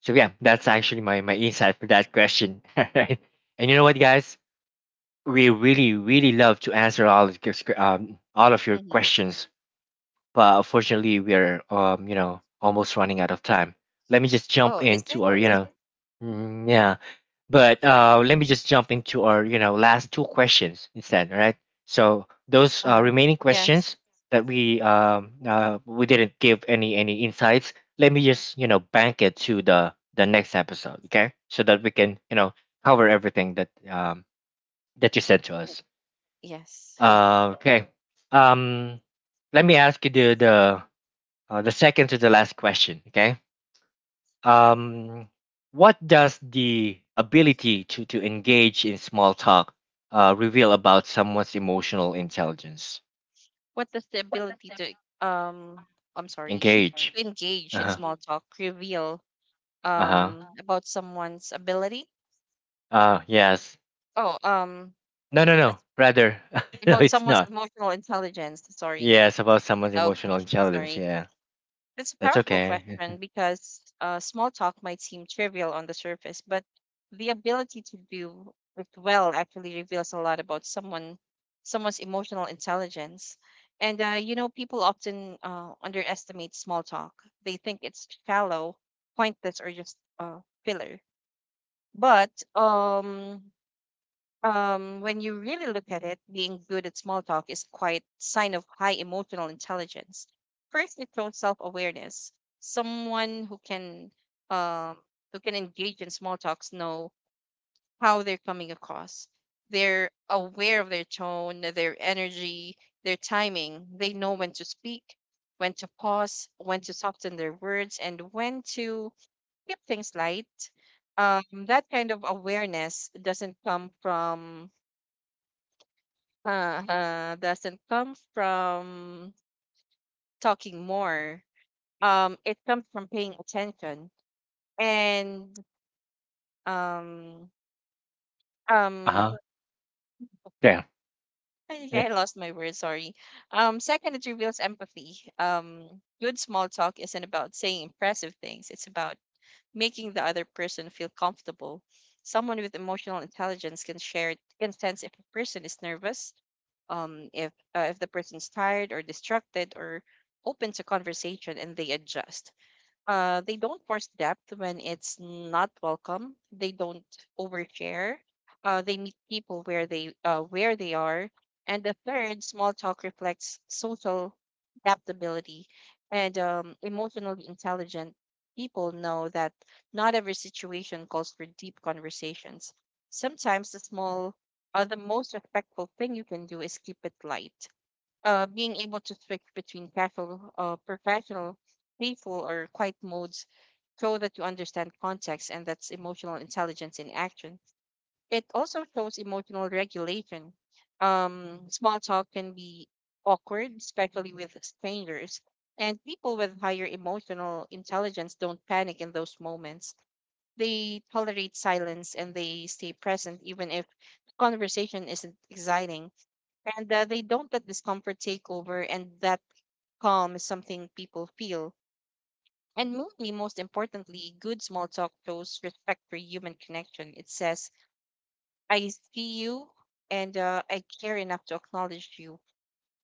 [SPEAKER 1] So yeah, that's actually my my insight for that question. Right? And you know what, guys? We really really love to answer all of your, all of your
[SPEAKER 2] Hmm.
[SPEAKER 1] questions, but unfortunately, we are almost running out of time. Let me just jump
[SPEAKER 2] Oh, is it?
[SPEAKER 1] into our Mm, yeah. But let me just jump into our last two questions instead, right? So those
[SPEAKER 2] Uh-huh.
[SPEAKER 1] remaining
[SPEAKER 2] Yes.
[SPEAKER 1] questions that we didn't give any insights. Let me just bank it to the next episode, okay? So that we can cover everything that that you said to us.
[SPEAKER 2] Yes.
[SPEAKER 1] Okay. Um, Let me ask you the second to the last question, okay? Um, what does the ability to engage in small talk reveal about someone's emotional intelligence?
[SPEAKER 2] What does the ability to um I'm sorry, to
[SPEAKER 1] Engage.
[SPEAKER 2] engage
[SPEAKER 1] Uh
[SPEAKER 2] in
[SPEAKER 1] huh.
[SPEAKER 2] small talk reveal
[SPEAKER 1] Uh huh.
[SPEAKER 2] about someone's ability?
[SPEAKER 1] Yes.
[SPEAKER 2] Oh, um,
[SPEAKER 1] No, no, no.
[SPEAKER 2] that's
[SPEAKER 1] Rather, no,
[SPEAKER 2] about
[SPEAKER 1] it's
[SPEAKER 2] someone's
[SPEAKER 1] not.
[SPEAKER 2] emotional intelligence. Sorry.
[SPEAKER 1] Yes, about someone's
[SPEAKER 2] Okay,
[SPEAKER 1] emotional intelligence.
[SPEAKER 2] sorry.
[SPEAKER 1] Yeah,
[SPEAKER 2] That's a
[SPEAKER 1] that's
[SPEAKER 2] powerful
[SPEAKER 1] okay.
[SPEAKER 2] question because small talk might seem trivial on the surface, but the ability to do it well actually reveals a lot about someone's emotional intelligence. And you know, people often underestimate small talk. They think it's shallow, pointless, or just filler. But when you really look at it, being good at small talk is quite sign of high emotional intelligence. First, it shows self-awareness. Someone um, who can engage in small talks know how they're coming across. They're aware of their tone, their energy, their timing. They know when to speak, when to pause, when to soften their words, and when to keep things light. That kind of awareness doesn't come from uh, uh, doesn't come from talking more. It comes from paying attention. And um,
[SPEAKER 1] Uh
[SPEAKER 2] um,
[SPEAKER 1] huh. Yeah.
[SPEAKER 2] I lost my word. Sorry. Second, it reveals empathy. Good small talk isn't about saying impressive things. It's about making the other person feel comfortable. Someone with emotional intelligence can sense if a person is nervous, if the person's tired or distracted or open to conversation, and they adjust. They don't force depth when it's not welcome. They don't overshare. They meet people where they are. And the third, small talk reflects social adaptability, and emotionally intelligent people know that not every situation calls for deep conversations. Sometimes the small, the most respectful thing you can do is keep it light. Being able to switch between casual, professional, playful, or quiet modes show that you understand context, and that's emotional intelligence in action. It also shows emotional regulation. Small talk can be awkward, especially with strangers, and people with higher emotional intelligence don't panic in those moments. They tolerate silence and they stay present, even if conversation isn't exciting, and they don't let discomfort take over, and that calm is something people feel. And maybe most importantly, good small talk shows respect for human connection. It says, I see you, and I care enough to acknowledge you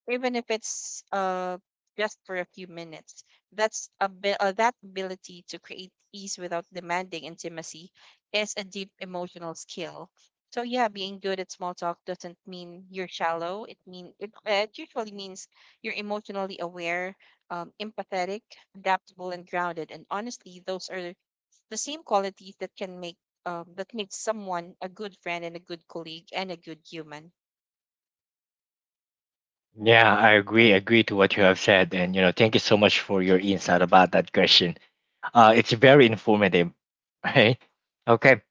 [SPEAKER 2] even if it's just for a few minutes. That ability to create ease without demanding intimacy is a deep emotional skill. So yeah, being good at small talk doesn't mean you're shallow. It usually means you're emotionally aware, empathetic, adaptable, and grounded. And honestly, those are the same qualities that can make that makes someone a good friend and a good colleague and a good human.
[SPEAKER 1] Yeah, I
[SPEAKER 2] Yeah.
[SPEAKER 1] agree. Agree to what you have said, and you know, thank you so much for your insight about that question. It's very informative, right? Okay.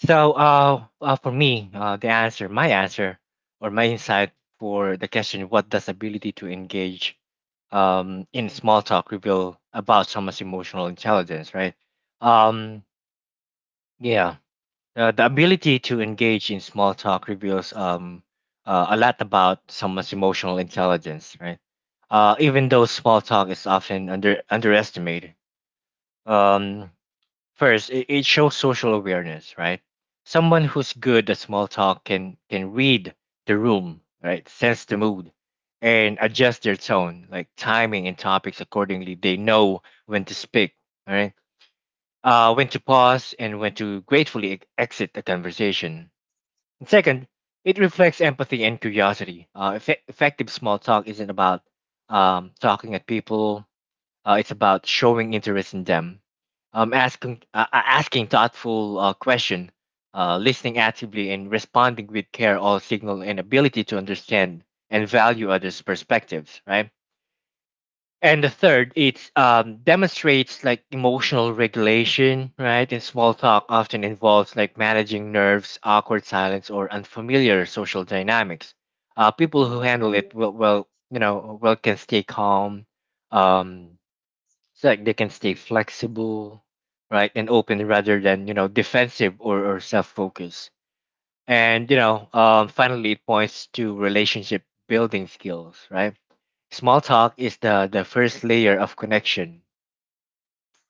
[SPEAKER 1] For me, the answer, my answer, or my insight for the question, what does ability to engage in small talk reveal about someone's emotional intelligence, right? Um, yeah, the ability to engage in small talk reveals a lot about someone's emotional intelligence, right? Even though small talk is often underestimated. Um, First, it shows social awareness, right? Someone who's good at small talk can read the room, right? Sense the mood and adjust their tone, like timing and topics accordingly. They know when to speak, right? When to
[SPEAKER 2] Mhm.
[SPEAKER 1] pause and when to gratefully exit the conversation. And second, it reflects empathy and curiosity. Effective small talk isn't about talking at people, it's about showing interest in them, asking asking thoughtful question, listening actively, and responding with care all signal an ability to understand and value others' perspectives, right? And the third, it demonstrates like emotional regulation, right? And small talk often involves like managing nerves, awkward silence, or unfamiliar social dynamics. People who
[SPEAKER 2] Mhm.
[SPEAKER 1] handle it will, you know, well can stay calm, um, it's like they can stay flexible, right, and open rather than you know defensive or self-focused. And you know, finally, it points to relationship building skills, right? Small talk is the first layer of connection.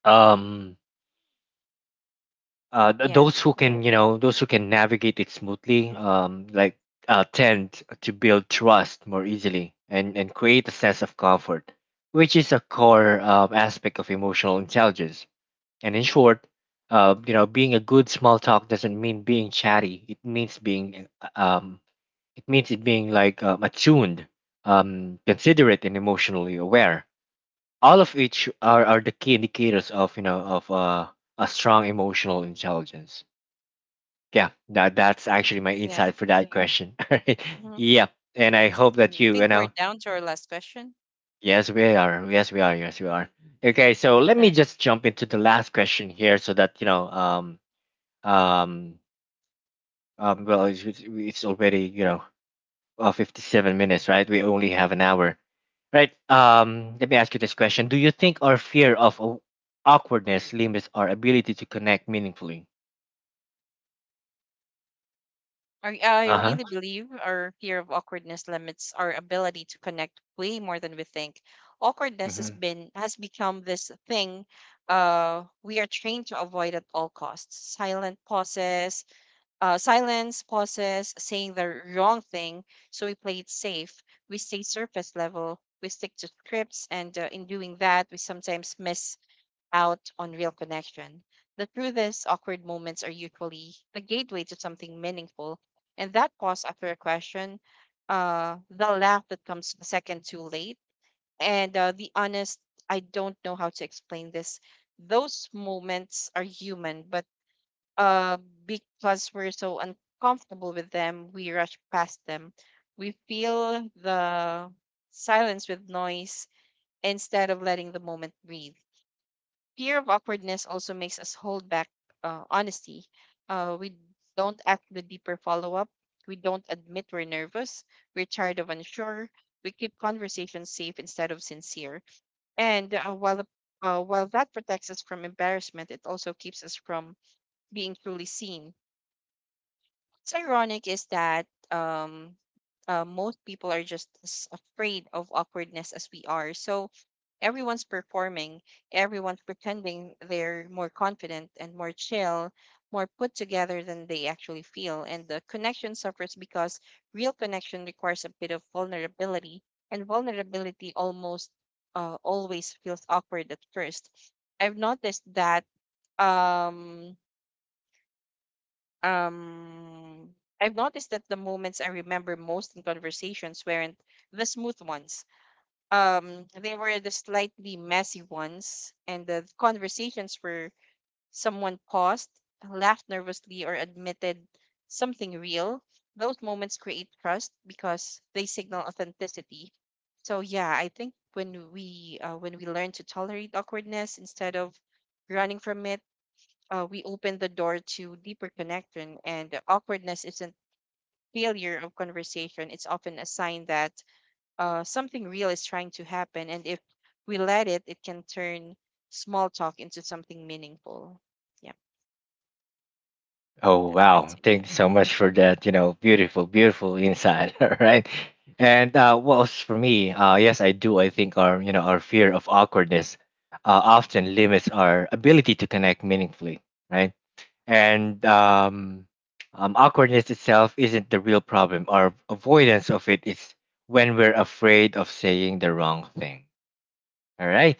[SPEAKER 1] Um,
[SPEAKER 2] Yeah.
[SPEAKER 1] those who can you know those who can navigate it smoothly, tend to build trust more easily and create a sense of comfort, which is a core aspect of emotional intelligence. And in short, you know, being a good small talk doesn't mean being chatty. It means being, um, it means it being like attuned, considerate, and emotionally aware. All of which are the key indicators of you know of a strong emotional intelligence. Yeah, that's actually my
[SPEAKER 2] Yeah.
[SPEAKER 1] insight for that question. Alright.
[SPEAKER 2] Hmm.
[SPEAKER 1] Yeah, and I
[SPEAKER 2] Yes.
[SPEAKER 1] hope that
[SPEAKER 2] I
[SPEAKER 1] you
[SPEAKER 2] think we're
[SPEAKER 1] know
[SPEAKER 2] down to our last question.
[SPEAKER 1] yes we are yes we are yes we are. Okay, so let me
[SPEAKER 2] I,
[SPEAKER 1] just jump into the last question here so that you know um well, it's already you know 57 minutes, right? We only have an hour, right? Let me ask you this question: Do you think our fear of awkwardness limits our ability to connect meaningfully?
[SPEAKER 2] I
[SPEAKER 1] Uh
[SPEAKER 2] really
[SPEAKER 1] huh.
[SPEAKER 2] believe our fear of awkwardness limits our ability to connect way more than we think. Awkwardness has
[SPEAKER 1] Hmm.
[SPEAKER 2] been has become this thing we are trained to avoid at all costs. Silence pauses, saying the wrong thing, so we play it safe. We stay surface level. We stick to scripts, and in doing that, we sometimes miss out on real connection. The truth is, awkward moments are usually the gateway to something meaningful, and that pause after a question, the laugh that comes a second too late, and the honest, I don't know how to explain this. Those moments are human, but uh, because we're so uncomfortable with them, we rush past them. We feel the silence with noise instead of letting the moment breathe. Fear of awkwardness also makes us hold back honesty. We don't ask the deeper follow up. We don't admit we're nervous. We're tired of unsure. We keep conversations safe instead of sincere. And while that protects us from embarrassment, it also keeps us from being truly seen. What's ironic is that um, most people are just as afraid of awkwardness as we are. So everyone's performing, everyone's pretending they're more confident and more chill, more put together than they actually feel. And the connection suffers because real connection requires a bit of vulnerability, and vulnerability almost always feels awkward at first. I've noticed that um um I've noticed that the moments I remember most in conversations weren't the smooth ones. They were the slightly messy ones, and the conversations where someone paused, laughed nervously, or admitted something real. Those moments create trust because they signal authenticity. So yeah, I think when we learn to tolerate awkwardness instead of running from it, we open the door to deeper connection. And awkwardness isn't failure of conversation, it's often a sign that something real is trying to happen. And if we let it, it can turn small talk into something meaningful. Yeah,
[SPEAKER 1] Oh
[SPEAKER 2] that's my
[SPEAKER 1] wow!
[SPEAKER 2] take.
[SPEAKER 1] Thank you so much for that. You know, beautiful, beautiful insight. All right. And what was for me? Yes, I do. I think our you know our fear of awkwardness often limits our ability to connect meaningfully, right? and awkwardness itself isn't the real problem. Our avoidance of it is when we're afraid of saying the wrong thing. All right.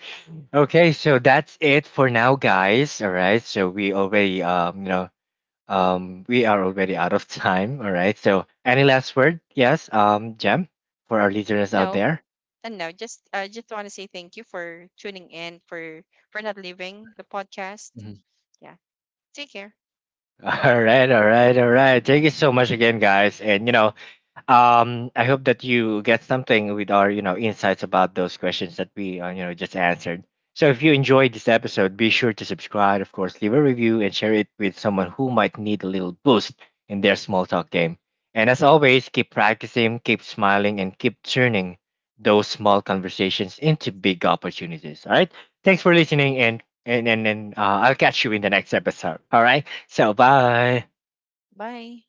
[SPEAKER 1] Okay, so that's it for now, guys. All right, so we already, you know, we are already out of time. All right, so any last word? Yes, Jem, for our listeners
[SPEAKER 2] You
[SPEAKER 1] out
[SPEAKER 2] know,
[SPEAKER 1] there.
[SPEAKER 2] and no, just I just want to say thank you for tuning in, for not leaving the podcast.
[SPEAKER 1] Mhm.
[SPEAKER 2] Yeah, take care.
[SPEAKER 1] All right, all right, all right. Thank you so much again, guys. And you know, I hope that you get something with our, you know, insights about those questions that we, you know, just answered. So if you enjoyed this episode, be sure to subscribe, of course, leave a review and share it with someone who might need a little boost in their small talk game. And as always, keep practicing, keep smiling, and keep turning those small conversations into big opportunities. All right. Thanks for listening, and I'll catch you in the next episode. All right. So bye.
[SPEAKER 2] Bye.